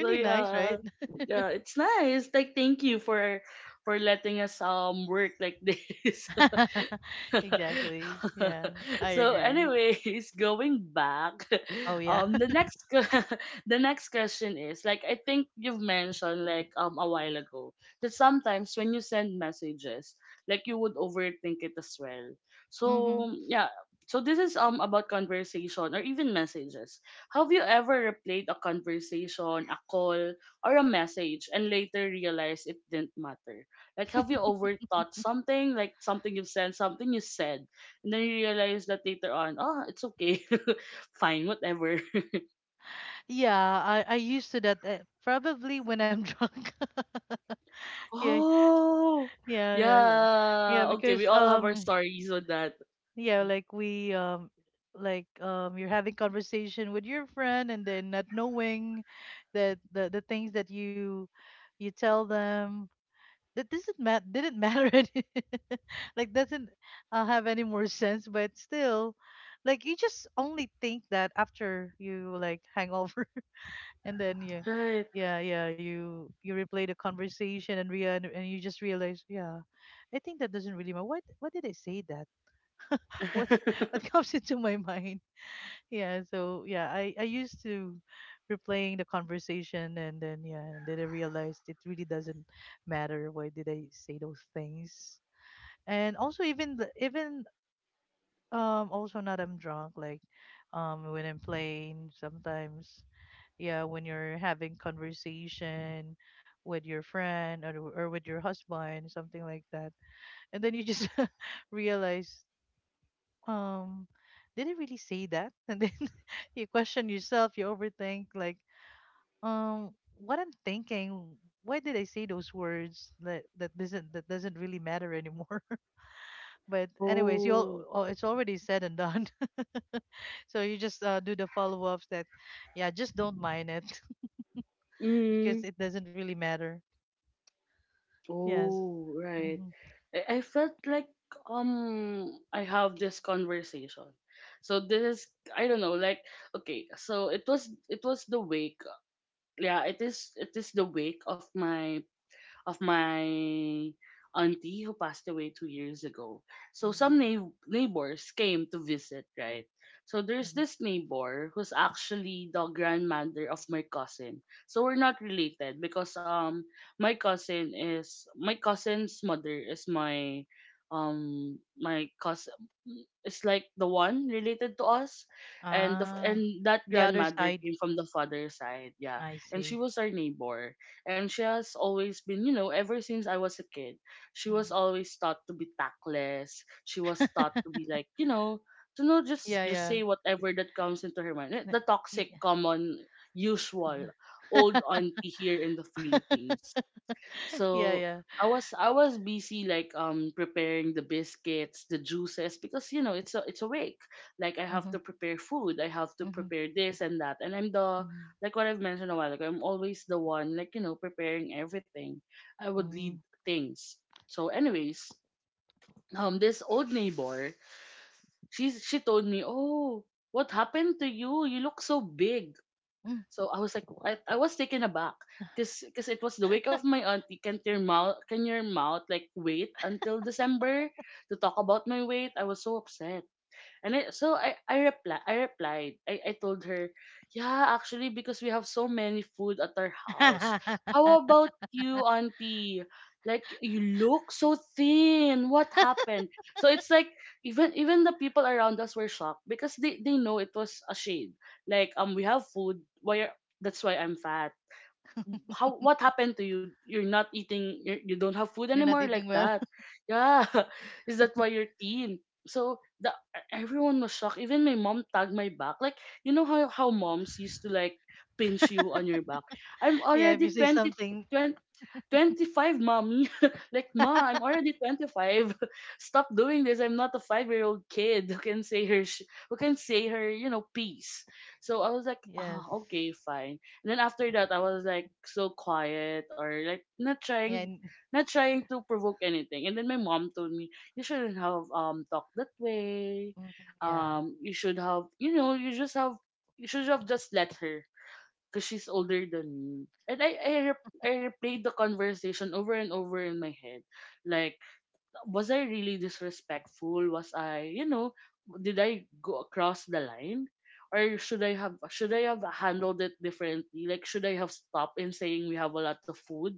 So nice, yeah, right? yeah, it's nice. Like thank you for letting us work like this. Exactly. Yeah, I So agree. anyways, going back, Oh yeah. The next que- the next question is like, I think you've mentioned like a while ago that sometimes when you send messages, like you would overthink it as well. Hmm. So yeah, so this is about conversation or even messages. Have you ever replayed a conversation, a call, or a message and later realized it didn't matter? Like, have you overthought something? Like, something you've said, something you said. And then you realize that later on, oh, it's okay. Fine, whatever. Yeah, I used to that, probably when I'm drunk. Yeah, Oh, yeah, yeah, yeah. yeah. Okay, we Because all have our stories on that. yeah, like we like, you're having conversation with your friend, and then not knowing that the things that you tell them, that doesn't mat didn't matter any, like doesn't, have any more sense. But still, like, you just only think that after you, like, hangover, and then you, Right. yeah, yeah, you replay the conversation, and you just realize, yeah, I think that doesn't really matter. What did I say that? What what comes into my mind. Yeah, so yeah, I used to replaying the conversation, and then yeah, and then I realized it really doesn't matter, why did I say those things. And also even the, even also not I'm drunk like when I'm playing sometimes yeah when you're having conversation with your friend or with your husband something like that and then you just realize um did I really say that? And then you question yourself, you overthink like what I'm thinking, why did I say those words that that doesn't really matter anymore. But anyways, you oh. all oh, it's already said and done. So you just do the follow-ups that yeah, just don't mind it. Because Mm. it doesn't really matter. Yes. Oh, right. Mm-hmm. I felt like I have this conversation. So this is I don't know, like, okay, so it was the wake, yeah, it is the wake of my auntie who passed away 2 years ago. So Hmm. some neighbors came to visit, right? So there's this neighbor who's actually the grandmother of my cousin. So we're not related because my cousin is my cousin's mother is my my cousin is like the one related to us, and Ah, that the other grandmother side. came from the father's side, yeah, I and she see. was our neighbor, and she has always been, you know, ever since I was a kid, she Hmm. was always taught to be tactless. She was taught to be like, you know, to know, just Yeah, just yeah. say whatever that comes into her mind. Eh, N- the toxic, y- common, Mm. usual old auntie here in the Philippines. Yeah, So yeah. I was busy like preparing the biscuits, the juices, because you know it's a week. Like I have Mhm, to prepare food, I have to mhm, prepare this and that, and I'm the, mhm. like what I've mentioned a while ago, I'm always the one, like you know, preparing everything. I would lead Mm, things. So, anyways, this old neighbor, she told me, oh, what happened to you? You look so big. So I was like, I was taken aback because cause 'cause it was the week of my auntie. Can your mouth like wait until December to talk about my weight? I was so upset. And so I replied. I told her, "Yeah, actually because we have so many food at our house. mm. How about you, auntie? Like you look so thin. What happened?" So it's like even the people around us were shocked because they know it was a shade. Like um, we have food. That's why I'm fat. How, what happened to you? You're not eating. You're, you don't have food You're not anymore like eating well. that. Yeah, is that why you're thin? So the everyone was shocked. Even my mom tagged my back. Like, you know how moms used to like pinch you on your back. I'm Yeah, if already you say 20, something, 25, mommy. Like, ma, I'm already 25. Stop doing this. I'm not a 5 year old kid who can who can say her, you know, piece. So I was like, yes. ah, okay, fine. And then after that, I was like so quiet, or like not Yeah, trying. and- Not trying to provoke anything, and then my mom told me you shouldn't have talked that way. mhm, yeah. You should have, you know, you just have, you should have just let her because she's older than me. And I replayed the conversation over and over in my head. Like, was I really disrespectful? Was I, you know, did I go across the line? Or should I have handled it differently? Like should I have stopped in saying we have a lot of food?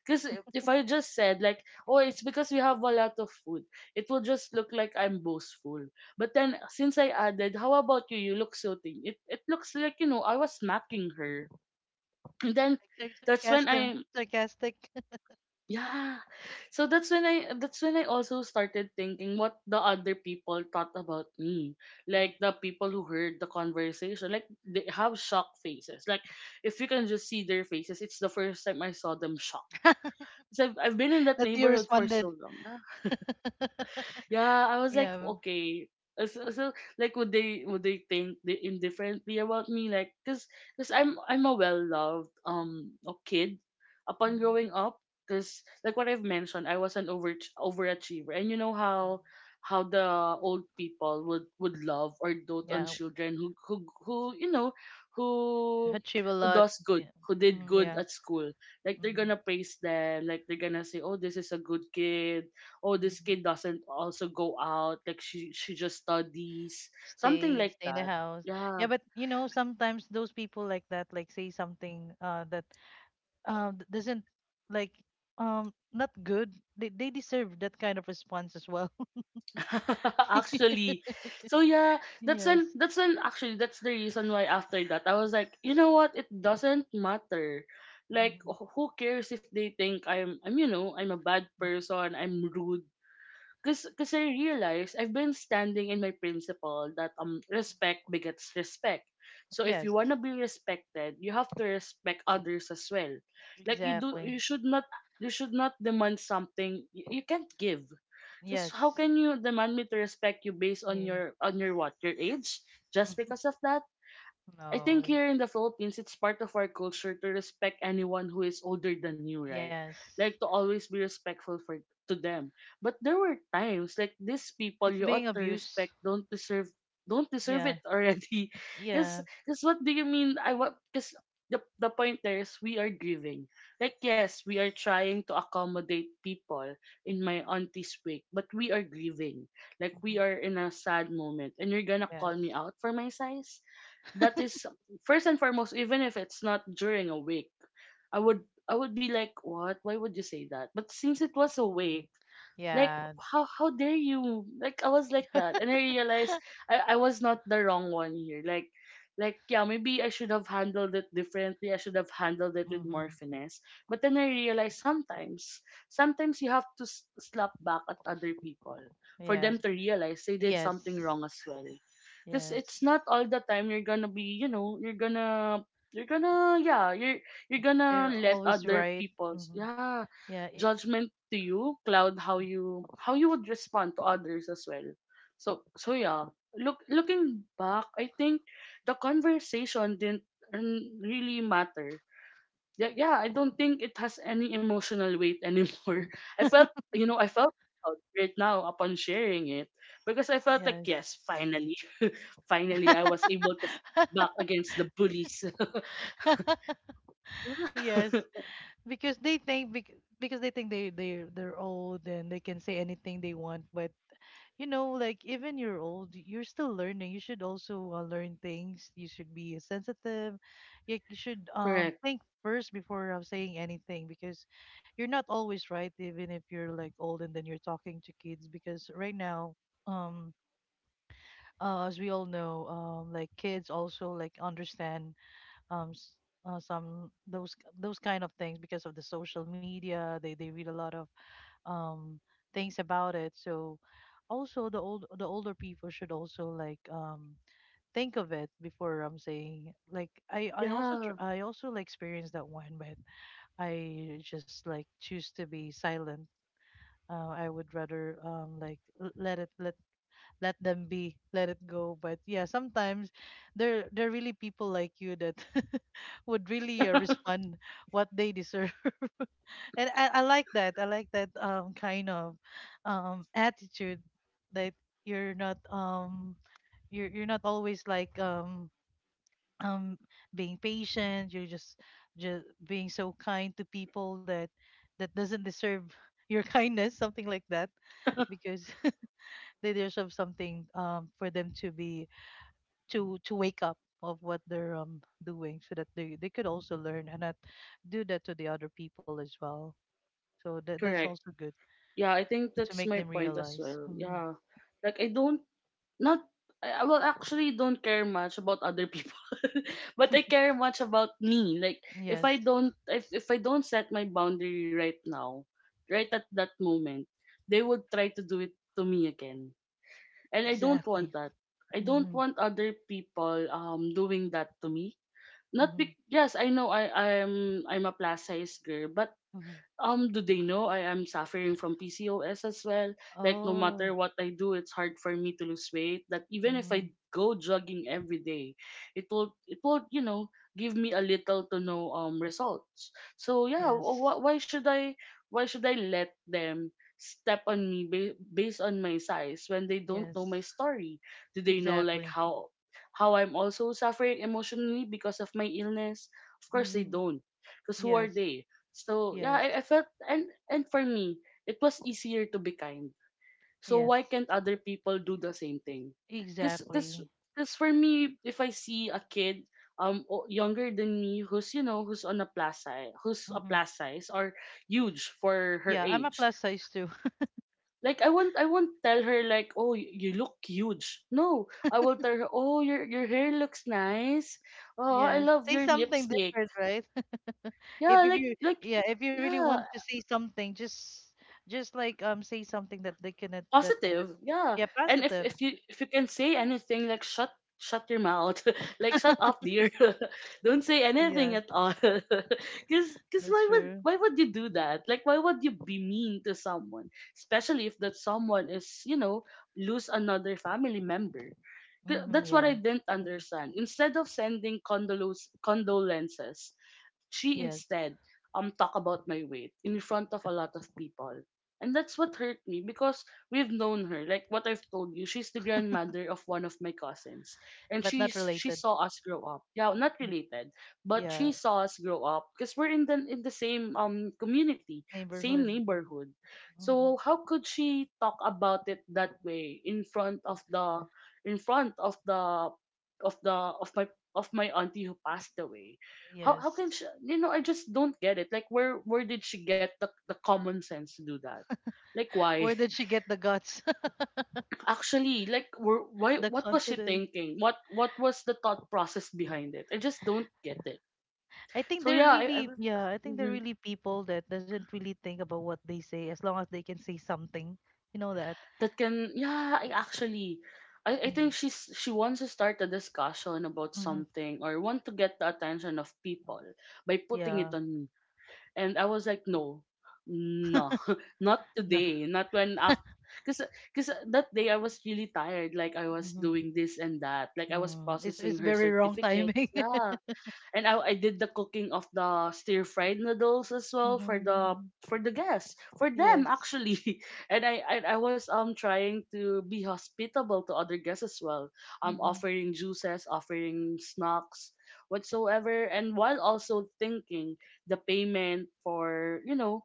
Because if I just said like, oh, it's because we have a lot of food, it will just look like I'm boastful. But then since I added, how about you? You look so thin. It looks like, you know, I was smacking her, and Yeah, then like sar- that's when sarcasm, I, sarcastic. yeah, so that's when I also started thinking what the other people thought about me, Mm. like the people who heard the conversation, like they have shock faces, like if you can just see their faces, it's the first time I saw them shocked. So I've been in that That you neighborhood for responded. so long. Yeah, I was like, Yeah. okay. So, so like would they think indifferently about me, like cuz cuz I'm a well-loved a kid upon Mhm, growing up, cuz like what I've mentioned, I was an overachiever, and you know mm. How the old people would love or dote on Yeah. children who, you know, I who had a who lot. does good Yeah. who did Mhm, good yeah. at school, like they're Mhm, gonna praise them, like they're gonna say, oh, this is a good kid, oh, this mhm. kid doesn't also go out, like she just studies, something Stay like in the that, house. yeah. Yeah, but you know sometimes those people like that like say something that d- doesn't like not good, they, deserve that kind of response as well. Actually, so yeah, Yes. that's when, actually, that's the reason why after that I was like, you know what, it doesn't matter, like Mhm. Who cares if they think I'm, you know, I'm a bad Yes. person, I'm rude. Cause I realized I've been standing in my principle that um, respect begets respect. So if you Yes, wanna be respected, you have to respect others as well. Like you do, exactly. You should not demand something you can't give. Cause how Yes. can you demand me to respect you based on Yeah. Your, what, your age? Just because of that, I No. think It- here in the Philippines, it's part of our culture to respect anyone who is older than you, right? Yes. Like to always be respectful for to them. But there were times like these people It's you being ought to abused. respect don't deserve Yeah. it already. Cause, Yeah. Cause what do you mean? I what? Cause the point there is we are grieving. Like yes, we are trying to accommodate people in my Hmm. auntie's wake, but we are grieving. Like we Hmm. are in a sad moment, and you're gonna Yes. call me out for my size. That is, first and foremost, even if it's not during a week, i would I would be like, what, why would you say that? But since it was a week, like Yeah. how dare you? Like I was like that, and I realized I was not the wrong one here. Like yeah, maybe I should have handled it differently, I should have handled it with more Hmm. finesse, but then I realized sometimes you have to slap back at other people for them Yes. to realize they did something Yes. wrong as well, because it's Yes. not all the time you're gonna be, you know, you're gonna yeah you're you're gonna You're let always other right. people's, Hmm. yeah, Yeah. It, judgment to you, Cloud, mm, how you would respond to others as well. So so yeah, looking back, I think the conversation didn't, mm, really matter. Yeah, yeah, I don't think it has any emotional weight anymore. I felt I felt proud right now upon sharing it because I felt like yes. yes, finally, finally I was able to fight back against the bullies. Yes. Yeah, Because they think bec- because they think they they're old and they can say anything they want. But you know, like even you're old, you're still learning. You should also learn things. You should be sensitive. You should correct. think first before saying anything because you're not always right. Even if you're like old and then you're talking to kids, because right now um as we all know, like kids also like understand s- some those kind of things because of the social media. They read a lot of um, things about it. So also the older people should also like think of it before I'm saying like I also Yeah, tr- I also like experienced that one, but I just like choose to be silent. I would rather like l- let it let them be, let it go. But yeah, sometimes there are really people like you that would really respond what they deserve. And I like that kind of attitude that you're not you're not always like um being patient, you're just being so kind to people that that doesn't deserve your kindness something like that because they deserve something for them to be to wake up of what they're doing so that they could also learn and not do that to the other people as well, so that that's correct. also good. Yeah, I think To that's make my them point as realize. well. Hmm. Yeah. Like not I will actually don't care much about other people. But I care much about me. Like if I Yes, don't, if I don't set my boundary right now, right at that moment, they would try to do it to me again. And I don't exactly. want that. I don't Hmm. want other people doing that to me. Not Hmm. be yes, I know I'm a plus size girl, but Hmm. Do they know I am suffering from PCOS as well? Like no Oh. matter what I do, it's hard for me to lose weight. That even if Mm. I go jogging every day, it will give me a little to no results. So yeah, Yes. Why should I let them step on me based on my size when they don't know Yes, my story? Do they know like exactly. How I'm also suffering emotionally because of my illness? Of course they Hmm. don't. Because who are Yes. they? So yeah, Yes. I felt, and for me, it was easier to be kind. So Yes, why can't other people do the same thing? Cause cause exactly. cause for me, if I see a kid younger than me who's you know who's on a plus size who's a Hmm. plus size or huge for her Yeah, I'm a age, plus size too. like I won't tell her like, oh, you look huge. No, I will tell her, oh, your hair looks nice, oh, I Yes, love say your something lipstick. different, right? Yeah, if like you like yeah, if you really yeah, want to say something, just like say something that they can that positive, yeah. yeah, And if positive. if you can say anything, like shut your mouth, like shut up, dear, don't say anything Yes, at all. Because that's why would, true. why would you do that? Like, why would you be mean to someone, especially if that someone is, you know, lose another family member? Mm-hmm, That's what yeah. I didn't understand. Instead of sending condolos condolences, she Yes, instead, talk about my weight in front of a lot of people. And that's what hurt me, because we've known her. Like what I've told you, she's the grandmother of one of my cousins. And but not she related. saw us grow up. Yeah, not Mm, related, but yeah, she saw us grow up because we're in the same community, neighborhood. same neighborhood. So Mm-hmm. how could she talk about it that way in front of the in front of the of the of my of my auntie who passed away? How Yes. can she? You know, I just don't get it. Like, where did she get the common sense to do that? Like, why? Where did she get the guts, Actually, like, were, why? the What was she confidence? thinking? What was the thought process behind it? I just don't get it. I think So they're yeah, really, yeah, I think they're mhm. really people that doesn't really think about what they say as long as they can say something. You know that. That can, yeah. I think Mm-hmm. She wants to start a discussion about Mm-hmm. something or want to get the attention of people by putting it Yeah. on. And I was like, no, no, not No. today, not when after. Cause, cause that day I was really tired. Like I was Mhm. doing this and that. Like I was Mm. It's processing her very wrong certificates. timing. Yeah, and I did the cooking of the stir fried noodles as well Mm-hmm. for the guests for them Yes. actually. And I was trying to be hospitable to other guests as well, Mm-hmm. offering juices, offering snacks, whatsoever, and while also thinking the payment for, you know,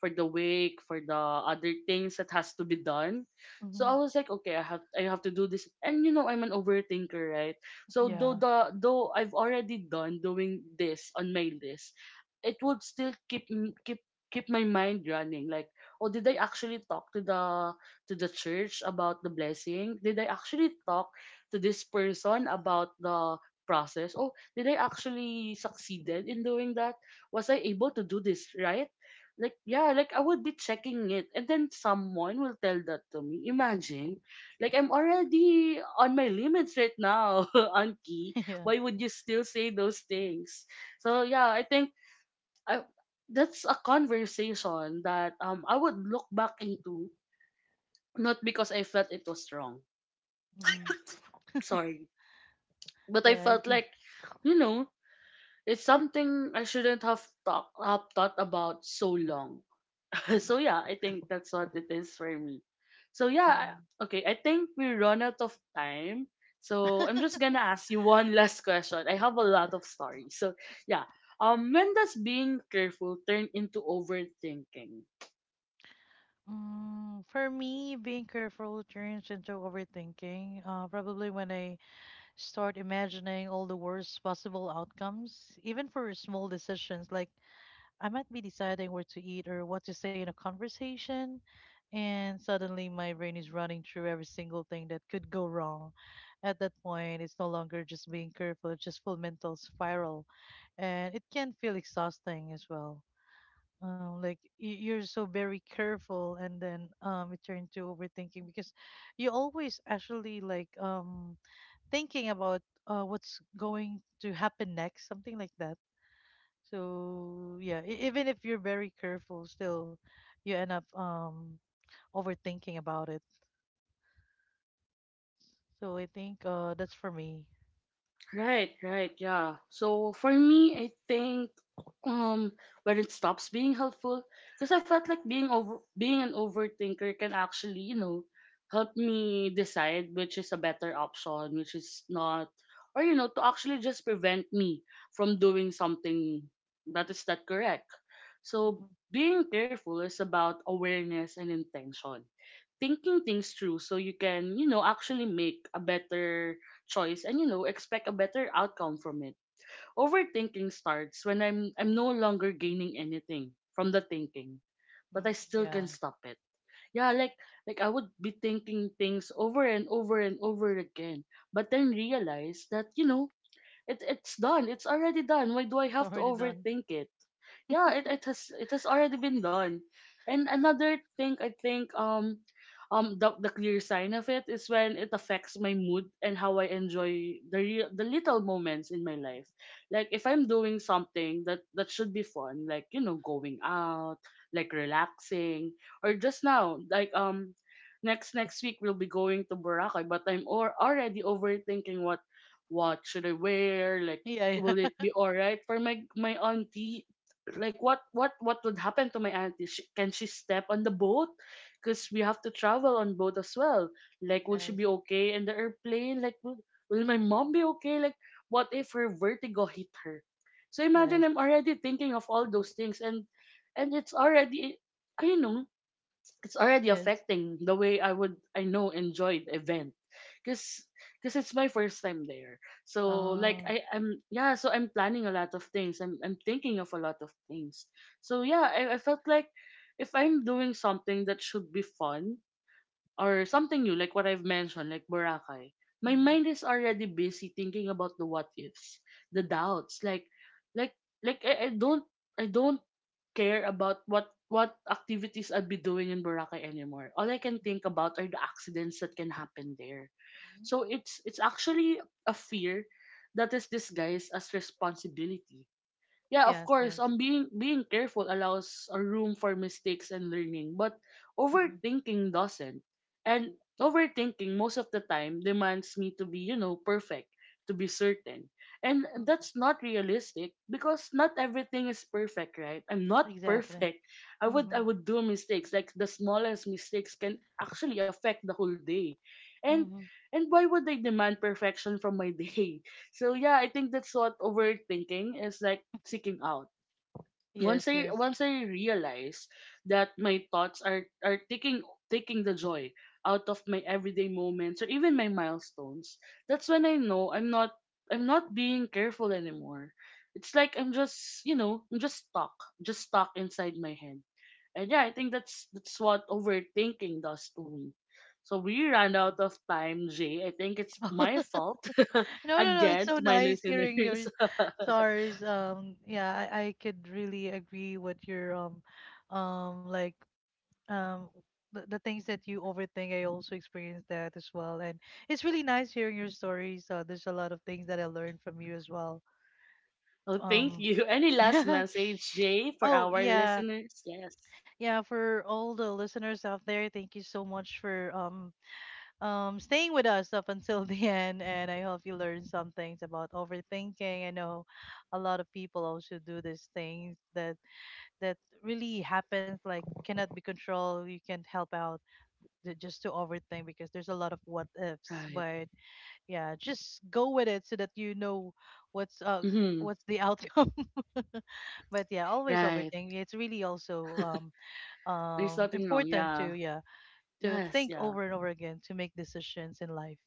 for the wake, for the other things that has to be done. So I Mm-hmm. was like, okay, I have, I have to do this. And you know, I'm an overthinker, right? So though Yeah. the though I've already done doing this on my list, it would still keep keep my mind running. Like, oh, did I actually talk to the church about the blessing? Did I actually talk to this person about the process? Oh, did I actually succeeded in doing that? Was I able to do this right? Like yeah, like I would be checking it, and then someone will tell that to me. Imagine, like I'm already on my limits right now, Anki. Yeah. Why would you still say those things? So yeah, I think I, that's a conversation that I would look back into, not because I felt it was wrong. Mm-hmm. Sorry, but I Yeah. It- felt it- like, you know, it's something I shouldn't have thought about so long. Mhm. So yeah, I think that's what it is for me. So yeah, Mhm. I- okay, I think we run out of time. So I'm just gonna ask you one last question. I have a lot of stories. So yeah. When does being careful turn into overthinking? Mm, for me, being careful turns into overthinking. Probably when I start imagining all the worst possible outcomes, even for small decisions, like I might be deciding where to eat or what to say in a conversation, and suddenly my brain is running through every single thing that could go wrong. At that point, it's no longer just being careful, it's just full mental spiral, and it can feel exhausting as well. Like y- you're so very careful, and then it turned to overthinking because you always actually like thinking about what's going to happen next, something like that. So yeah, e- even if you're very careful, still you end up overthinking about it. So I think that's for me. Right, right, yeah. So for me, I think um when it stops being helpful, because I felt like being an overthinker can actually, you know, help me decide which is a better option, which is not, or you know, to actually just prevent me from doing something that is not correct. So Hmm. being careful is about awareness and intention, thinking things through so you can, you know, actually make a better choice and you know, expect a better outcome from it. Overthinking starts when I'm no longer gaining anything from the thinking, but Hmm. I still can Yeah, stop it. Yeah, like I would be thinking things over and over and over again, but then realize that, you know, it's done. It's already done. Why do I it's have to already done. overthink it? Yeah, it has already been done. And another thing I think, the clear sign of it is when it affects my mood and how I enjoy the real, the little moments in my life. Like if I'm doing something that that should be fun, like you know, going out, like relaxing, or just now, like, next next week we'll be going to Boracay, but already overthinking what should I wear, like Yeah, will it yeah. be all right for my my auntie, like what what would happen to my auntie, can she step on the boat because we have to travel on boat as well, like will she Yes, be okay in the airplane, like will my mom be okay, like what if her vertigo hit her? So imagine yes, I'm already thinking of all those things, and it's already, I know, it's already yes. affecting the way I would, I know, enjoy the event, because because it's my first time there. So like Uh, I I'm yeah, so I'm planning a lot of things, I'm thinking of a lot of things. So yeah, I felt like if I'm doing something that should be fun or something new, like what I've mentioned, like Boracay, my mm-hmm. mind is already busy thinking about the what ifs, the doubts. Like, like, like I, I don't, I don't care about what activities I'd be doing in Boracay anymore. All I can think about are the accidents that can happen there. So it's actually a fear that is disguised as responsibility. Yeah, of Yes, course, yes. Being being careful allows a room for mistakes and learning, but Mm-hmm. overthinking doesn't. And overthinking most of the time demands me to be, you know, perfect, to be certain. And that's not realistic because not everything is perfect, right? I'm not Exactly. perfect. I Mm-hmm. would do mistakes. Like the smallest mistakes can actually affect the whole day. And Mm-hmm. and why would they demand perfection from my day? So yeah, I think that's what overthinking is, like seeking out. Yes, Once yes. I realize that my thoughts are taking the joy out of my everyday moments or even my milestones, that's when I know I'm not being careful anymore. It's like I'm just, you know, I'm just stuck inside my head. And yeah, I think that's what overthinking does to me. So we ran out of time, Jay. I think it's Mhm. my fault No, no, no. It's again so to my nice listeners. hearing your stars. Yeah, I could really agree with your like um, the things that you overthink. I also experienced that as well, and it's really nice hearing your stories. There's a lot of things that I learned from you as well. Oh, thank Um, you. Any last message, Jay, for oh our yeah, listeners? Yes. yeah. For all the listeners out there, thank you so much for staying with us up until the end. And I hope you learned some things about overthinking. I know a lot of people also do these things that that really happens, like cannot be controlled. You can't help out ju- just to overthink because there's a lot of what ifs. Right. But yeah, just go with it so that you know what's uh Hmm. what's the outcome. But yeah, always Right. overthink. It's really also There's nothing wrong. important to Yeah. yeah to Yes. think Yeah. over and over again to make decisions in life,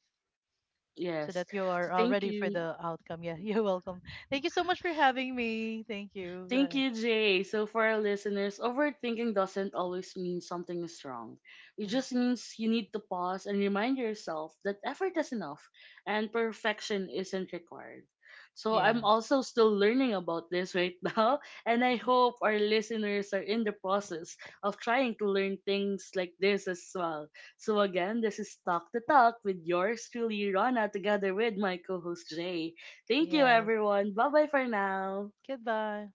so Yes. that you are So thank ready for you. the outcome. Yeah, you're welcome. Thank you so much for having me. Thank you. Thank you, Jay. So, for our listeners, overthinking doesn't always mean something is wrong. It Mm, just means you need to pause and remind yourself that effort is enough and perfection isn't required. So, I'm yes. also still learning about this right now, and I hope our listeners are in the process of trying to learn things like this as well. So, again, this is Talk the Talk with yours truly, Rana, together with my co host, Jay. Thank you, Yes. everyone. Bye bye for now. Goodbye.